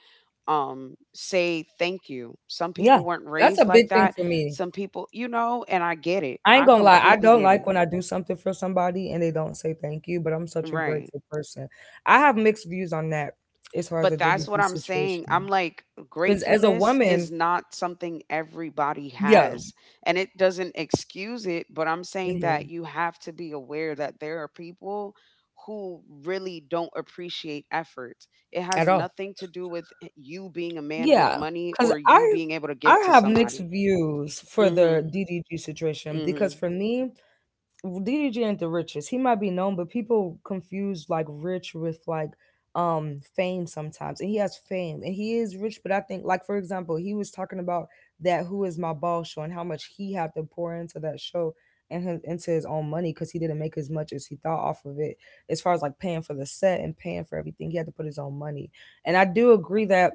S2: say thank you. Some
S1: Yeah.
S2: people weren't
S1: That's a
S2: raised like
S1: big thing
S2: that.
S1: for me.
S2: Some people, you know, and I get it.
S1: I ain't
S2: I
S1: gonna lie. I
S2: completely
S1: don't
S2: get
S1: like
S2: it.
S1: when I do something for somebody and they don't say thank you, but I'm such a
S2: Right.
S1: grateful person. I have mixed views on that as far as the
S2: But that's
S1: DDG
S2: what I'm saying.
S1: situation.
S2: I'm like,
S1: Cause as a
S2: gratefulness
S1: woman,
S2: is not something everybody
S1: yeah,
S2: has. And it doesn't excuse it, but I'm saying
S1: mhm,
S2: that you have to be aware that there are people who really don't appreciate effort. It
S1: at
S2: has
S1: all.
S2: nothing to do with you being a man with
S1: Yeah,
S2: money
S1: because
S2: or you
S1: I
S2: being able to give
S1: I
S2: to
S1: have mixed
S2: somebody.
S1: views for the
S2: Mhm.
S1: DDG situation because
S2: Mhm.
S1: for me, DDG ain't the richest. He might be known, but people confuse like rich with like fame sometimes. And he has fame and he is rich, but I think like, for example, he was talking about that Who Is My Ball show and how much he had to pour into that show and into his own money because he didn't make as much as he thought off of it, as far as like paying for the set and paying for everything. He had to put his own money. And I do agree that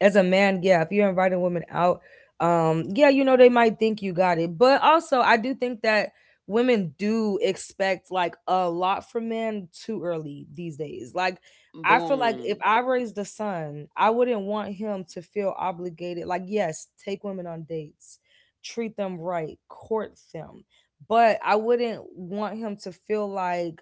S1: as a man, yeah, if you're inviting women out, yeah, you know, they might think you got it. But also, I do think that women do expect like a lot from men too early these days. Like, I feel like if
S2: Boom.
S1: I raised a son, I wouldn't want him to feel obligated. Like, yes, take women on dates, treat them right, court them. But I wouldn't want him to feel like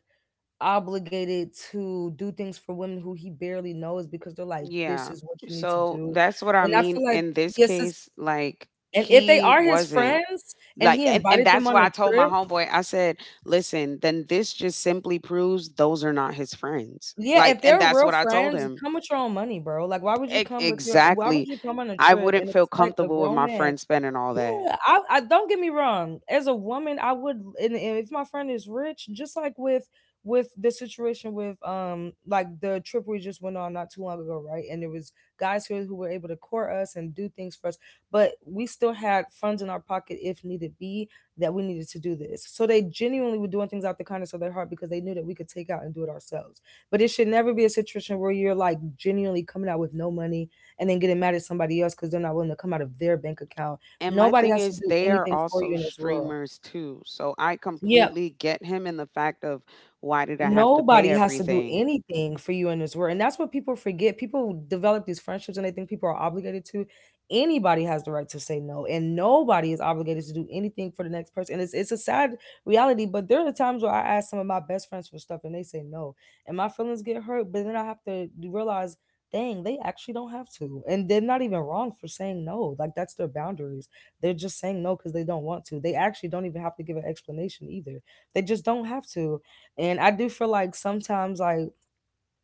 S1: obligated to do things for women who he barely knows because they're like, "This
S2: Yeah.
S1: is what you need to
S2: So
S1: do,"
S2: that's what I
S1: and I
S2: mean
S1: feel like
S2: in this
S1: yes,
S2: case, like
S1: and if they
S2: he
S1: are his
S2: wasn't
S1: friends and
S2: like.
S1: he
S2: And,
S1: invited them
S2: that's
S1: on
S2: why
S1: a
S2: I told my
S1: trip,
S2: homeboy, I said, listen, then this just simply proves those are not his friends,
S1: yeah,
S2: like,
S1: if
S2: and
S1: they're
S2: that's
S1: real
S2: what I told
S1: friends,
S2: him.
S1: come with your own money, bro. Like, why would you
S2: E-
S1: come with your? Why would
S2: exactly,
S1: you come on a
S2: I
S1: trip
S2: wouldn't
S1: and
S2: feel
S1: expect a
S2: comfortable with
S1: grown
S2: my
S1: man?
S2: friends spending all that.
S1: Yeah, I don't, get me wrong. As a woman, I would, and if my friend is rich, just like with the situation with like the trip we just went on not too long ago, right? And there was guys here who were able to court us and do things for us, but we still had funds in our pocket if needed be that we needed to do this. So they genuinely were doing things out the kindness of their heart because they knew that we could take out and do it ourselves. But it should never be a situation where you're like genuinely coming out with no money and then getting mad at somebody else because they're not willing to come out of their bank account.
S2: And my
S1: Nobody
S2: thing
S1: has to
S2: is
S1: do
S2: they are
S1: anything for you
S2: also
S1: in this world.
S2: streamers too, so I
S1: Yeah,
S2: completely get him in the fact of why did I have to pay
S1: nobody has to do
S2: everything.
S1: anything for you in this world. And that's what people forget. People develop these friendships and they think people are obligated to. Anybody has the right to say no, and nobody is obligated to do anything for the next person. And it's a sad reality, but there are times where I ask some of my best friends for stuff and they say no, and my feelings get hurt. But then I have to realize, dang, they actually don't have to, and they're not even wrong for saying no. Like that's their boundaries. They're just saying no because they don't want to. They actually don't even have to give an explanation either. They just don't have to, and I do feel like sometimes, like,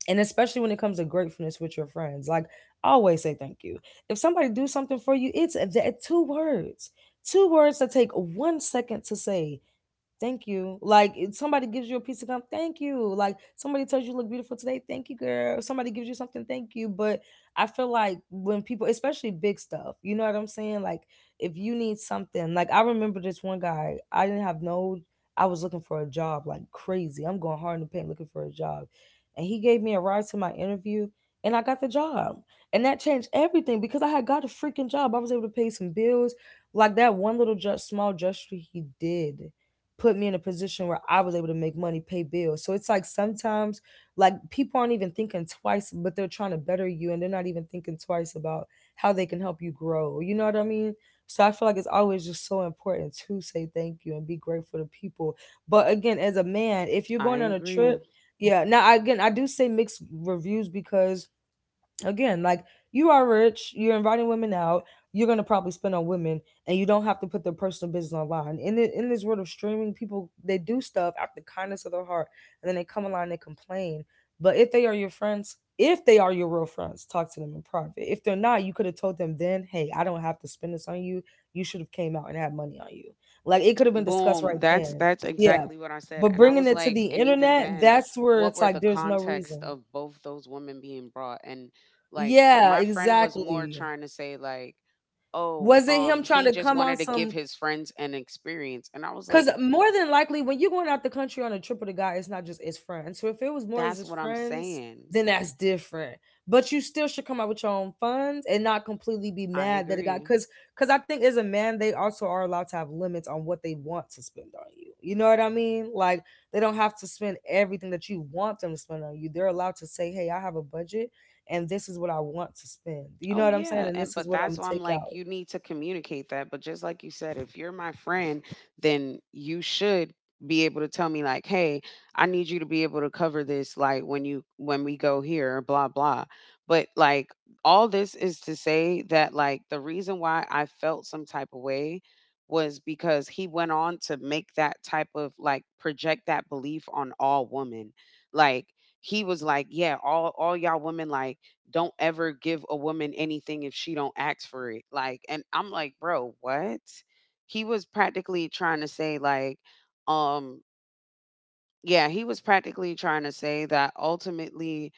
S1: and especially when it comes to gratefulness with your friends, like, always say thank you. If somebody do something for you, it's that two words that take one second to say. Thank you. Like if somebody gives you a piece of gum, thank you. Like somebody tells you you look beautiful today, thank you, girl. Somebody gives you something, thank you. But I feel like when people, especially big stuff, you know what I'm saying? Like if you need something, like I remember this one guy, I didn't have no I was looking for a job like crazy. I'm going hard in the paint looking for a job. And he gave me a ride to my interview, and I got the job. And that changed everything because I had got a freaking job. I was able to pay some bills. Like that one little just small gesture he did put me in a position where I was able to make money, pay bills. So it's like sometimes like people aren't even thinking twice, but they're trying to better you and they're not even thinking twice about how they can help you grow. You know what I mean? So I feel like it's always just so important to say thank you and be grateful to people. But again, as a man, if you're
S2: I
S1: going on a
S2: agree.
S1: trip, yeah. Now I, again, I do say mixed reviews because, again, like, you are rich, you're inviting women out, you're going to probably spend on women, and you don't have to put their personal business online in in this world of streaming. People they do stuff out the kindness of their heart, and then they come online and they complain. But if they are your friends, if they are your real friends, talk to them in private. If they're not, you could have told them then, hey, I don't have to spend this on you, you should have came out and had money on you. Like it could have been discussed
S2: Boom.
S1: right then.
S2: That's
S1: Yeah,
S2: exactly what I said.
S1: but
S2: And I
S1: bringing
S2: was
S1: it to the
S2: like, and even
S1: internet,
S2: then,
S1: that's where
S2: what
S1: it's
S2: were
S1: like
S2: the
S1: there's no
S2: context
S1: reason.
S2: of both those women being brought? And like
S1: Yeah,
S2: my friend was more
S1: exactly.
S2: trying to say like, "Oh,
S1: Was it him trying
S2: he
S1: to
S2: just
S1: come on
S2: wanted to give
S1: some?
S2: his friends an experience." And I was like,
S1: Because more than likely, when you're going out the country on a trip with a guy, it's not just his friends. So if it was more as
S2: "That's
S1: his
S2: what I'm
S1: friends,
S2: saying."
S1: then that's different. But you still should come out with your own funds and not completely be
S2: I
S1: mad that it got
S2: agree.
S1: because I think as a man they also are allowed to have limits on what they want to spend on you. You know what I mean? Like they don't have to spend everything that you want them to spend on you. They're allowed to say, "Hey, I have a budget, and this is what I want to spend." You know
S2: Oh
S1: what I'm saying?
S2: yeah,
S1: And
S2: and
S1: this is
S2: but
S1: what I'm
S2: that's
S1: gonna
S2: why I'm
S1: take
S2: like
S1: out.
S2: you need to communicate that. But just like you said, if you're my friend, then you should be able to tell me like, "Hey, I need you to be able to cover this like when you when we go here, blah blah." But like all this is to say that like the reason why I felt some type of way was because he went on to make that type of like project that belief on all women. Like he was like, "Yeah, all y'all women like don't ever give a woman anything if she don't ask for it. Like, and I'm like, bro, what? He was practically trying to say like, um, yeah, he was practically trying to say that ultimately,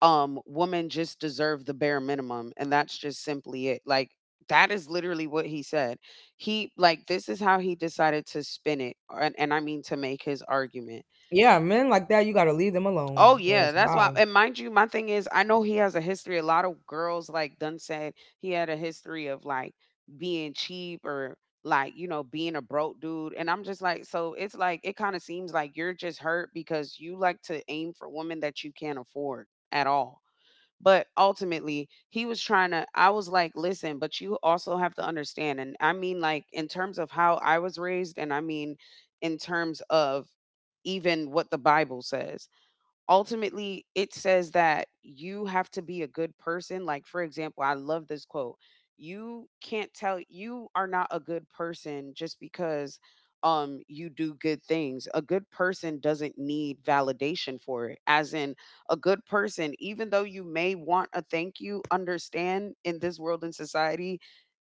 S2: women just deserve the bare minimum, and that's just simply it. Like, that is literally what he said. He like this is how he decided to spin it, and I mean to make his argument.
S1: Yeah, men like that, you gotta leave them alone.
S2: Oh yeah,
S1: Cause
S2: that's why.
S1: bye.
S2: And mind you, my thing is, I know he has a history. A lot of girls, like Dunn said, he had a history of like being cheap or like you know being a broke dude. And I'm just like, so it's like it kind of seems like you're just hurt because you like to aim for women that you can't afford at all. But ultimately, he was trying to. I was like, listen, but you also have to understand. And I mean, like, in terms of how I was raised, and I mean, in terms of even what the Bible says, ultimately it says that you have to be a good person. Like for example, I love this quote: you can't tell you are not a good person just because you do good things. A good person doesn't need validation for it, as in a good person even though you may want a thank you, understand in this world and society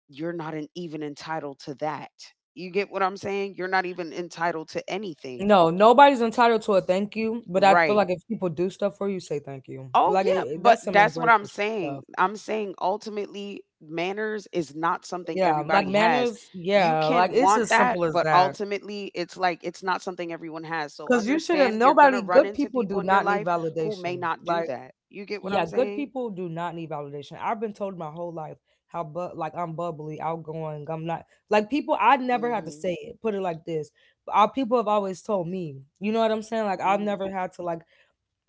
S2: you're not, an, even entitled to that. You get what I'm saying? You're not even entitled to anything.
S1: No, nobody's entitled to a thank you, but I feel
S2: Right.
S1: like if people do stuff for you, say thank you.
S2: Oh
S1: Like it,
S2: yeah,
S1: it-
S2: but
S1: that's some
S2: that's what I'm
S1: ungrateful
S2: saying.
S1: stuff.
S2: I'm saying ultimately manners is not something
S1: Yeah, like
S2: everybody has.
S1: manners.
S2: You
S1: Yeah,
S2: can
S1: like it's
S2: want
S1: as
S2: that,
S1: simple as
S2: but
S1: that.
S2: ultimately it's like it's not something everyone has. So
S1: Cause you shouldn't.
S2: understand you're going to
S1: Nobody,
S2: run
S1: good
S2: into
S1: people,
S2: people
S1: do
S2: in your
S1: not need
S2: life who may
S1: validation.
S2: not do
S1: Like
S2: that. You get what
S1: yeah,
S2: I'm
S1: good
S2: saying?
S1: people do not need validation. I've been told my whole life how, but like I'm bubbly, outgoing. I'm not like people. I never had to
S2: Mhm.
S1: say it. Put it like this: our people have always told me. You know what I'm saying? Like I've
S2: Mhm.
S1: never had to like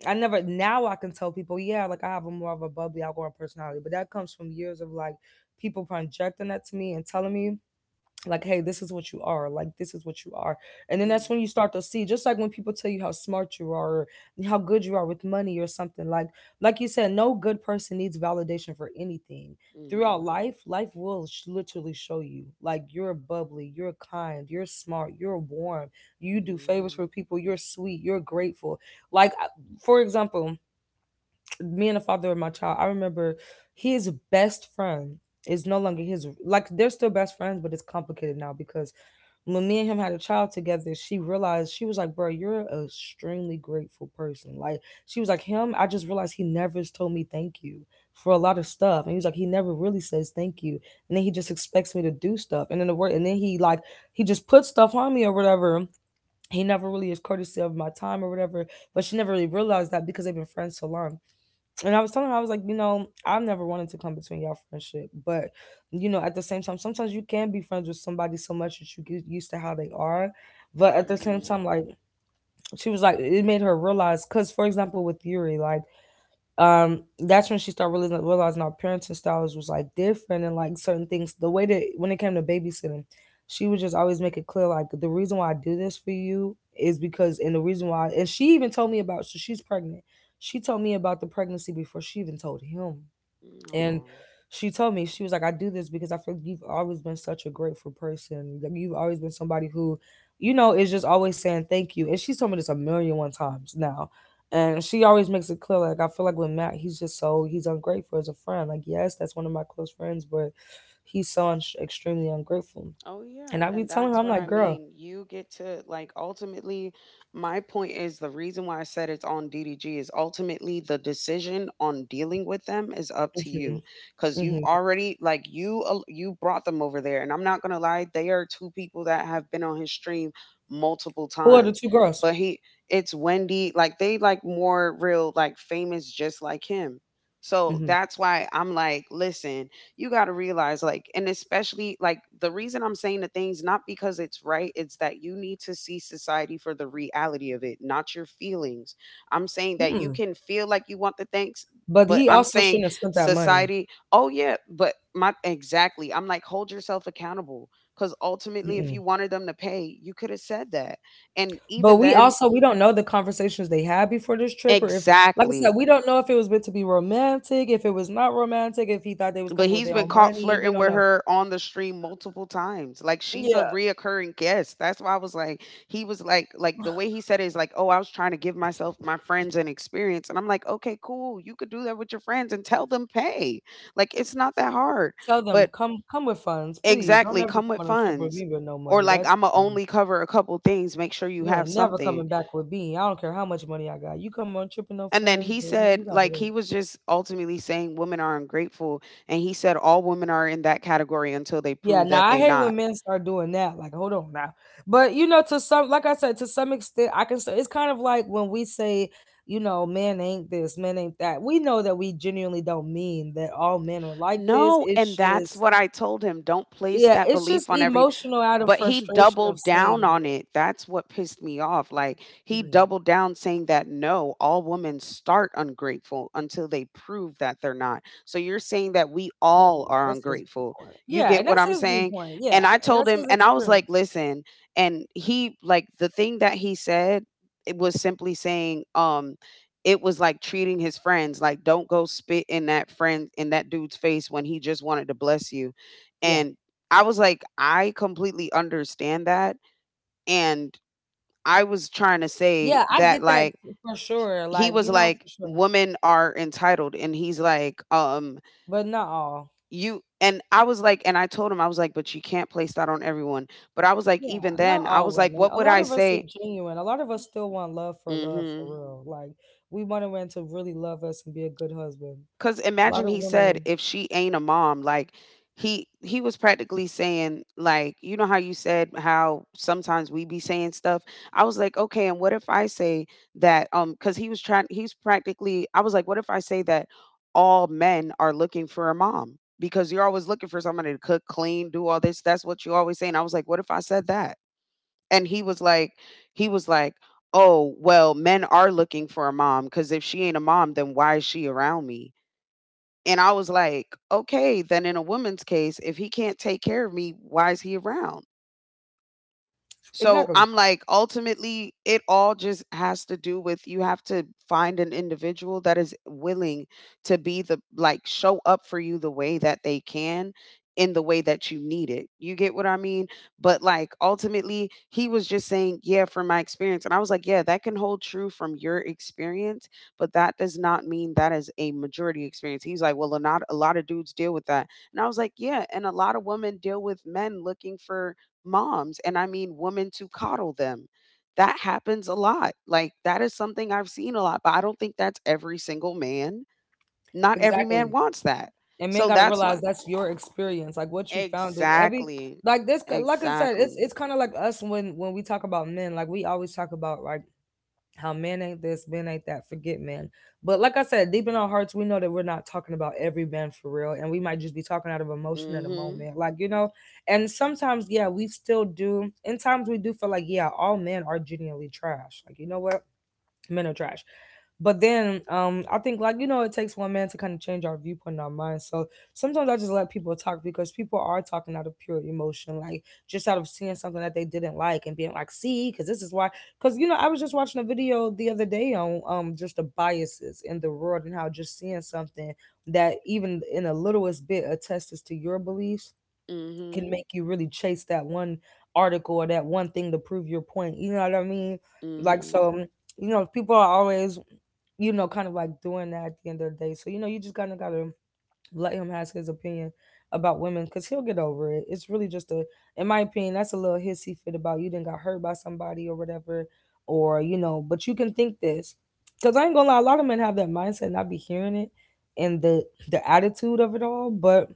S1: I never. Now I can tell people, yeah, like I have a more of a bubbly, outgoing personality. But that comes from years of people projecting that to me and telling me, like, hey, this is what you are, like this is what you are. And then that's when
S2: Mhm.
S1: you start to see, just like when people tell you how smart you are or how good you are with money or something. Like you said, no good person needs validation for anything. Throughout
S2: Mhm.
S1: life, literally show you like you're bubbly, you're kind, you're smart, you're warm, you do favors for
S2: Mhm.
S1: people, you're sweet, you're grateful. like I- for example, me and the father of my child, I remember his best friend is no longer his, like they're still best friends, but it's complicated now because when me and him had a child together, she realized. She was like, "Bro, you're an extremely grateful person." Like, she was like, "Him, I just realized he never has told me thank you for a lot of stuff." And he was like, "He never really says thank you. And then he just expects me to do stuff." And then he like, he just puts stuff on me or whatever. He never really is courtesy of my time or whatever. But she never really realized that because they've been friends so long. And I was telling her, I was like, "You know, I've never wanted to come between y'all friendship, but you know, at the same time, sometimes you can be friends with somebody so much that you get used to how they are. But at the same
S2: Mhm.
S1: time, like" she was like, it made her realize, cause for example, with Yuri, like, that's when she started realizing, our parenting styles was like different, and like certain things the way that when it came to babysitting, she would just always make it clear, like, the reason why I do this for you is because, and the reason why. And she even told me about, so she's pregnant, she told me about the pregnancy before she even told him.
S2: Mhm.
S1: And
S2: Aw.
S1: she told me, she was like, "I do this because I feel like you've always been such a grateful person. Like, you've always been somebody who, you know, is just always saying thank you." And she's told me this a million one times now. And she always makes it clear, like, "I feel like with Matt, he's just so, he's ungrateful as a friend. Like, yes, that's one of my close friends, but he's so extremely ungrateful."
S2: Oh
S1: And
S2: yeah,
S1: I be
S2: and
S1: telling her,
S2: that's
S1: I'm
S2: what
S1: like,
S2: I
S1: "Girl,"
S2: mean. You get to like ultimately my point is the reason why I said it's on DDG is ultimately the decision on dealing with them is up to
S1: hmm.
S2: you cuz you've
S1: Hmm.
S2: already like you brought them over there. And I'm not going to lie, they are two people that have been on his stream multiple
S1: Who are the
S2: times.
S1: two girls?
S2: But he it's Wendy, like they like more real like famous just like him. So
S1: Hmm.
S2: that's why I'm like, listen, you got to realize like and especially like the reason I'm saying the things not because it's right, it's that you need to see society for the reality of it, not your feelings. I'm saying that you
S1: Mm-mm.
S2: can feel like you want the thanks
S1: But
S2: but
S1: he
S2: I'm
S1: also
S2: saying
S1: shouldn't have spent that money.
S2: society. Oh yeah, but my exactly, I'm like hold yourself accountable because ultimately if you wanted them to pay you could have said that and
S1: But
S2: even
S1: we
S2: then
S1: also, we don't know the conversations they had before this trip, or if, like I said,
S2: exactly.
S1: we don't know if it was meant to be romantic, if it was not romantic, if he thought they was
S2: But
S1: coming with
S2: he's
S1: their
S2: been
S1: own
S2: caught
S1: money. We
S2: flirting
S1: don't
S2: with
S1: know.
S2: her on the stream multiple times. Like she's a
S1: Yeah.
S2: reoccurring guest. That's why I was like, he was like the way he said it is like, oh, I was trying to give myself my friends an experience. And I'm like, okay, cool. You could do that with your friends and tell them pay. Like it's not that hard.
S1: Tell them,
S2: But
S1: come with funds, please. Don't
S2: exactly,
S1: ever come
S2: come with
S1: on a trip with
S2: funds.
S1: me with no
S2: Or
S1: money.
S2: like
S1: That's
S2: I'ma
S1: the thing.
S2: only cover a couple things, make sure you
S1: You
S2: have
S1: ain't never
S2: something.
S1: coming back with me. I don't care how much money I got. You come on a trip with no
S2: And then
S1: funds,
S2: he
S1: baby, you
S2: said,
S1: gotta
S2: like
S1: go.
S2: he was just ultimately saying women are ungrateful. And he said all women are in that category until they
S1: Yeah,
S2: prove
S1: now
S2: that
S1: I
S2: they
S1: hate
S2: not.
S1: when men start doing that. Like, hold on now. But you know, to some, like I said, to some extent, I can say it's kind of like when we say, you know, men ain't this, men ain't that. We know that we genuinely don't mean that all men are like this.
S2: No, and
S1: It's
S2: that's
S1: just,
S2: what I told him, don't place
S1: yeah,
S2: that
S1: it's just
S2: belief on every
S1: emotional, out of
S2: but he
S1: frustration of
S2: doubled down
S1: seeing
S2: on
S1: it.
S2: it. That's what pissed me off. Like he
S1: Mhm.
S2: doubled down saying that no, all women start ungrateful until they prove that they're not. So you're saying that we all
S1: Mm,
S2: are
S1: that's his
S2: ungrateful.
S1: viewpoint.
S2: You
S1: Yeah,
S2: get
S1: and
S2: what
S1: that's
S2: I'm
S1: his
S2: saying?
S1: viewpoint.
S2: And
S1: Yeah,
S2: I
S1: and
S2: told
S1: that's
S2: him
S1: his
S2: and I was
S1: experience.
S2: like, "Listen." And he like the thing that he said, it was simply saying it was like treating his friends, like, don't go spit in that friend in that dude's face when he just wanted to bless you,
S1: Yeah,
S2: and I was like, I completely understand that, and I was trying to say
S1: yeah, I
S2: that,
S1: get that
S2: like,
S1: for sure.
S2: he
S1: Like,
S2: was
S1: you know, for
S2: like,
S1: sure,
S2: women are entitled, and he's like,
S1: but not all.
S2: you and I was like and I told him, I was like, but you can't place that on everyone, but I was like,
S1: Yeah,
S2: even
S1: not
S2: then, I
S1: all
S2: was like,
S1: women.
S2: what
S1: A
S2: would
S1: lot
S2: I
S1: of us are
S2: say?
S1: genuine. A lot of us still want love for
S2: Mhm.
S1: real. Like, we want a man to really love us and be a good husband.
S2: Cause
S1: A lot
S2: imagine
S1: of
S2: he said
S1: women,
S2: if she ain't a mom, like he was practically saying like you know how you said how sometimes we be saying stuff. I was like, okay, and what if I say that? Cause he was trying. He's practically. I was like, what if I say that all men are looking for a mom because you're always looking for somebody to cook, clean, do all this. That's what you always say. And I was like, what if I said that? And he was like, oh well, men are looking for a mom because if she ain't a mom, then why is she around me? And I was like, "Okay, then in a woman's case, if he can't take care of me, why is he around?" So
S1: exactly,
S2: I'm like, ultimately, it all just has to do with you have to find an individual that is willing to be the, like, show up for you the way that they can in the way that you need it. You get what I mean? But like, ultimately, he was just saying, yeah, from my experience. And I was like, yeah, that can hold true from your experience, but that does not mean that is a majority experience. He's like, well, a, not, a lot of dudes deal with that. And I was like, yeah. And a lot of women deal with men looking for moms and I mean women to coddle them. That happens a lot. Like that is something I've seen a lot, but I don't think that's every single man. Not every man
S1: exactly.
S2: wants that.
S1: And men
S2: So
S1: got to
S2: that's
S1: realize
S2: what
S1: that's your experience. Like, what you found is every
S2: exactly.
S1: like this. Like I said, it's
S2: Exactly.
S1: it's kind of like us when we talk about men. Like, we always talk about like how men ain't this, men ain't that, forget men. But like I said, deep in our hearts, we know that we're not talking about every man for real. And we might just be talking out of emotion in a
S2: Mhm.
S1: moment. Like, you know, and sometimes, yeah, we still do. In times we do feel like, yeah, all men are genuinely trash. Like, you know what? Men are trash. But then, I think, like, you know, it takes one man to kind of change our viewpoint and our mind. So sometimes I just let people talk, because people are talking out of pure emotion, like just out of seeing something that they didn't like and being like, "See, because this is why." Because, you know, I was just watching a video the other day on, just the biases in the world, and how just seeing something that even in the littlest bit attests to your beliefs can
S2: Mhm.
S1: make you really chase that one article or that one thing to prove your point. You know what I mean? Like,
S2: Mhm.
S1: so, you know, people are always, you know, kind of like doing that at the end of the day. So, you know, you just kind of gotta let him have his opinion about women, because he'll get over it. It's really just a, in my opinion, that's a little hissy fit about you didn't got hurt by somebody or whatever, or you know. But you can think this, because I ain't gonna lie, a lot of men have that mindset and I be hearing it, and the attitude of it all. But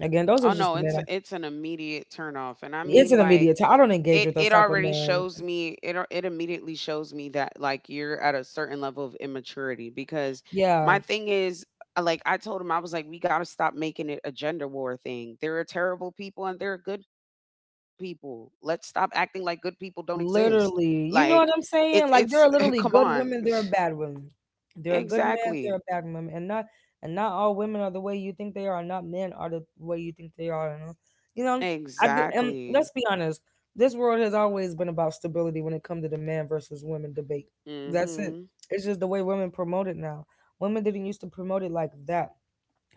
S1: again, those are
S2: Oh
S1: just
S2: no,
S1: the men.
S2: it's an immediate turnoff, and I
S1: It's
S2: mean
S1: an
S2: like
S1: immediate time. I don't engage
S2: it
S1: with those
S2: it
S1: type of
S2: already
S1: men.
S2: shows me it al- it immediately shows me that like you're at a certain level of immaturity because my
S1: Yeah,
S2: thing is like I told him I was like we got to stop making it a gender war thing. There are terrible people and there are good people. Let's stop acting like good people don't exist. Like
S1: literally. You know what I'm
S2: it's
S1: saying? Like,
S2: come
S1: there are literally
S2: on.
S1: good women, there are bad women. There are good
S2: Exactly.
S1: men, there are bad women, and not all women are the way you think they are, and not men are the way you think they are. And, you know, I do. And
S2: Exactly.
S1: let's be honest, this world has always been about stability when it comes to the man versus women debate. That's it.
S2: Mhm.
S1: It's just the way women promote it now. Women didn't used to promote it like that.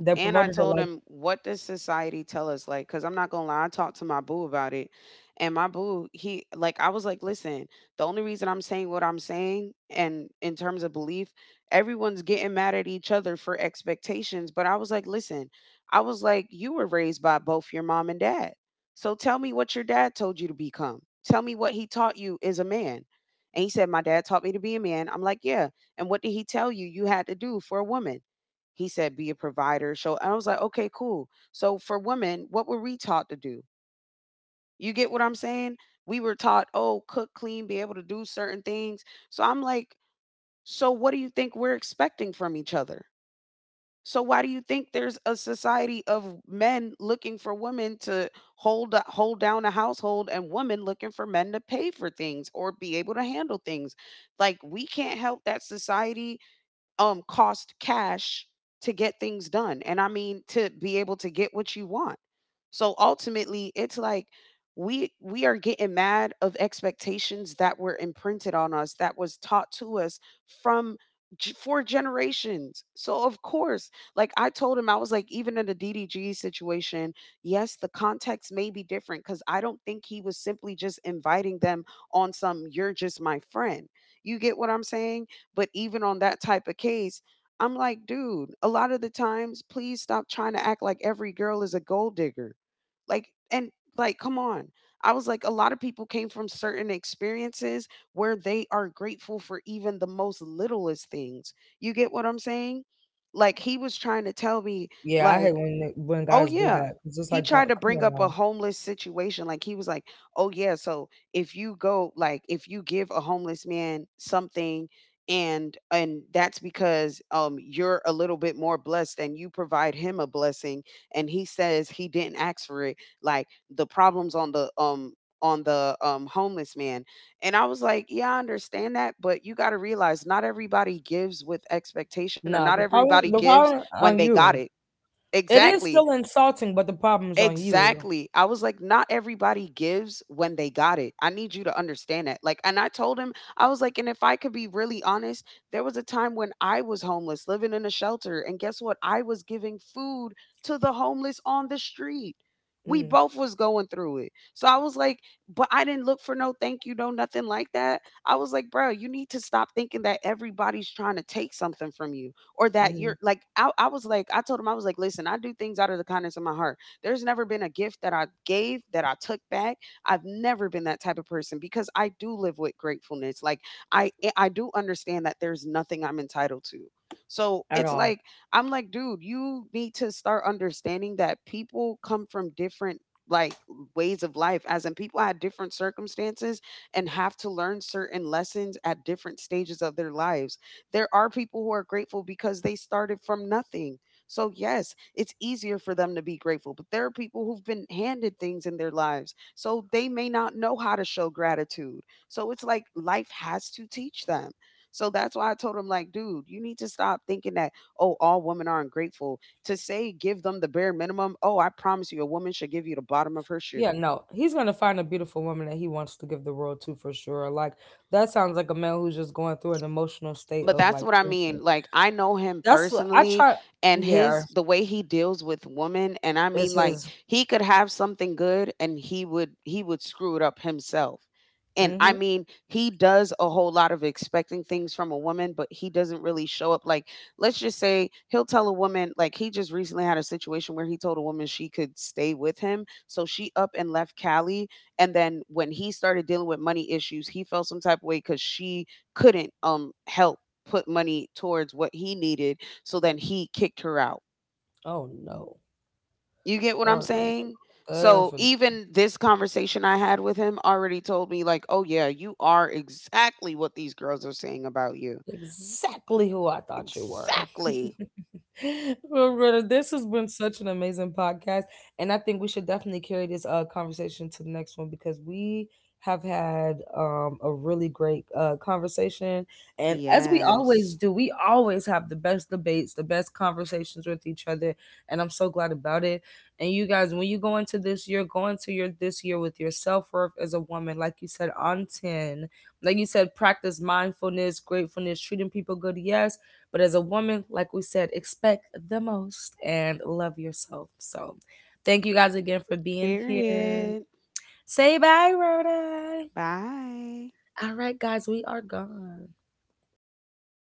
S1: They
S2: And I
S1: promoted it
S2: told
S1: like,
S2: him, what does society tell us? Like, because I'm not gonna lie, I talked to my boo about it. And my boo, he like I was like, listen, the only reason I'm saying what I'm saying and in terms of belief, everyone's getting mad at each other for expectations. But I was like, listen, I was like, you were raised by both your mom and dad. So tell me what your dad told you to become. Tell me what he taught you as a man. And he said, my dad taught me to be a man. I'm like, yeah. And what did he tell you you had to do for a woman? He said, be a provider. So I was like, okay, cool. So for women, what were we taught to do? You get what I'm saying? We were taught, oh, cook, clean, be able to do certain things. So I'm like, so what do you think we're expecting from each other? So why do you think there's a society of men looking for women to hold down a household and women looking for men to pay for things or be able to handle things? Like we can't help that society cost cash to get things done and I mean to be able to get what you want, so ultimately it's like we are getting mad of expectations that were imprinted on us that was taught to us from g- four generations so of course like I told him I was like even in the DDG situation, yes the context may be different because I don't think he was simply just inviting them on some you're just my friend. You get what I'm saying? But even on that type of case, I'm like, dude, a lot of the times, please stop trying to act like every girl is a gold digger. Like, and like, come on. I was like, a lot of people came from certain experiences where they are grateful for even the most littlest things. You get what I'm saying? Like, he was trying to tell me,
S1: yeah, I hate
S2: like,
S1: when when
S2: oh,
S1: guys do
S2: yeah.
S1: that. It's just
S2: He
S1: like, God,
S2: tried to
S1: come
S2: bring
S1: on
S2: up a
S1: now.
S2: homeless situation. Like, he was like, oh, yeah. So if you go, like, if you give a homeless man something, and that's because you're a little bit more blessed and you provide him a blessing and he says he didn't ask for it, like the problems on the homeless man. And I was like yeah I understand that but you got to realize not everybody gives with expectation or
S1: Nah,
S2: not everybody
S1: the
S2: gives
S1: problem
S2: when they
S1: on
S2: got
S1: you.
S2: it
S1: It is
S2: exactly.
S1: still insulting, but the problem's on you.
S2: Exactly. I was like, not everybody gives when they got it. I need you to understand that. Like, and I told him, I was like, and if I could be really honest, there was a time when I was homeless, living in a shelter. And guess what? I was giving food to the homeless on the street. We
S1: Hmm.
S2: both was going through it. So I was like, but I didn't look for no thank you, no nothing like that. I was like, bro, you need to stop thinking that everybody's trying to take something from you or that
S1: Hmm.
S2: you're like, I was like, I told him, I was like, listen, I do things out of the kindness of my heart. There's never been a gift that I gave that I took back. I've never been that type of person because I do live with gratefulness. Like I eh, I do understand that there's nothing I'm entitled to. So
S1: At
S2: it's
S1: all.
S2: like I'm like, dude, you need to start understanding that people come from different like ways of life as in people had different circumstances and have to learn certain lessons at different stages of their lives. There are people who are grateful because they started from nothing, so, yes, it's easier for them to be grateful, but there are people who've been handed things in their lives. So, they may not know how to show gratitude. So, it's like life has to teach them. So, that's why I told him, like, dude, you need to stop thinking that, oh, all women aren't grateful. To say give them the bare minimum, oh, I promise you, a woman should give you the bottom of her
S1: Yeah,
S2: shoe.
S1: no. He's gonna find a beautiful woman that he wants to give the world to for sure. Like, that sounds like a man who's just going through an emotional state
S2: But
S1: of
S2: that's
S1: like
S2: what I
S1: thinking.
S2: mean. Like I know him
S1: That's what I
S2: personally
S1: try.
S2: and
S1: Yeah,
S2: his the way he deals with women and I
S1: it's
S2: mean like
S1: his.
S2: he could have something good and he would screw it up himself. And
S1: Mm
S2: I
S1: hmm
S2: mean, he does a whole lot of expecting things from a woman, but he doesn't really show up like let's just say he'll tell a woman like he just recently had a situation where he told a woman she could stay with him, so she up and left Cali and then when he started dealing with money issues, he felt some type of way cuz she couldn't help put money towards what he needed so then he kicked her out.
S1: Oh no.
S2: You get what I'm
S1: Oh no.
S2: saying?
S1: No.
S2: So
S1: No.
S2: even this conversation I had with him already told me like oh yeah you are exactly what these girls are saying about you
S1: Exactly who I thought you were.
S2: exactly.
S1: Well, brother, this has been such an amazing podcast, and I think we should definitely carry this conversation to the next one, because we have had a really great conversation, and as we always
S2: Yes.
S1: do, we always have the best debates, the best conversations with each other, and I'm so glad about it. And you guys, when you go into this year, go into your this year with your self worth as a woman, like you said, on 10. Like you said, practice mindfulness, gratefulness, treating people good, yes. But as a woman, like we said, expect the most and love yourself. So thank you guys again for being here.
S2: Period.
S1: Say bye, Rhoda.
S2: Bye.
S1: All right, guys, we are gone.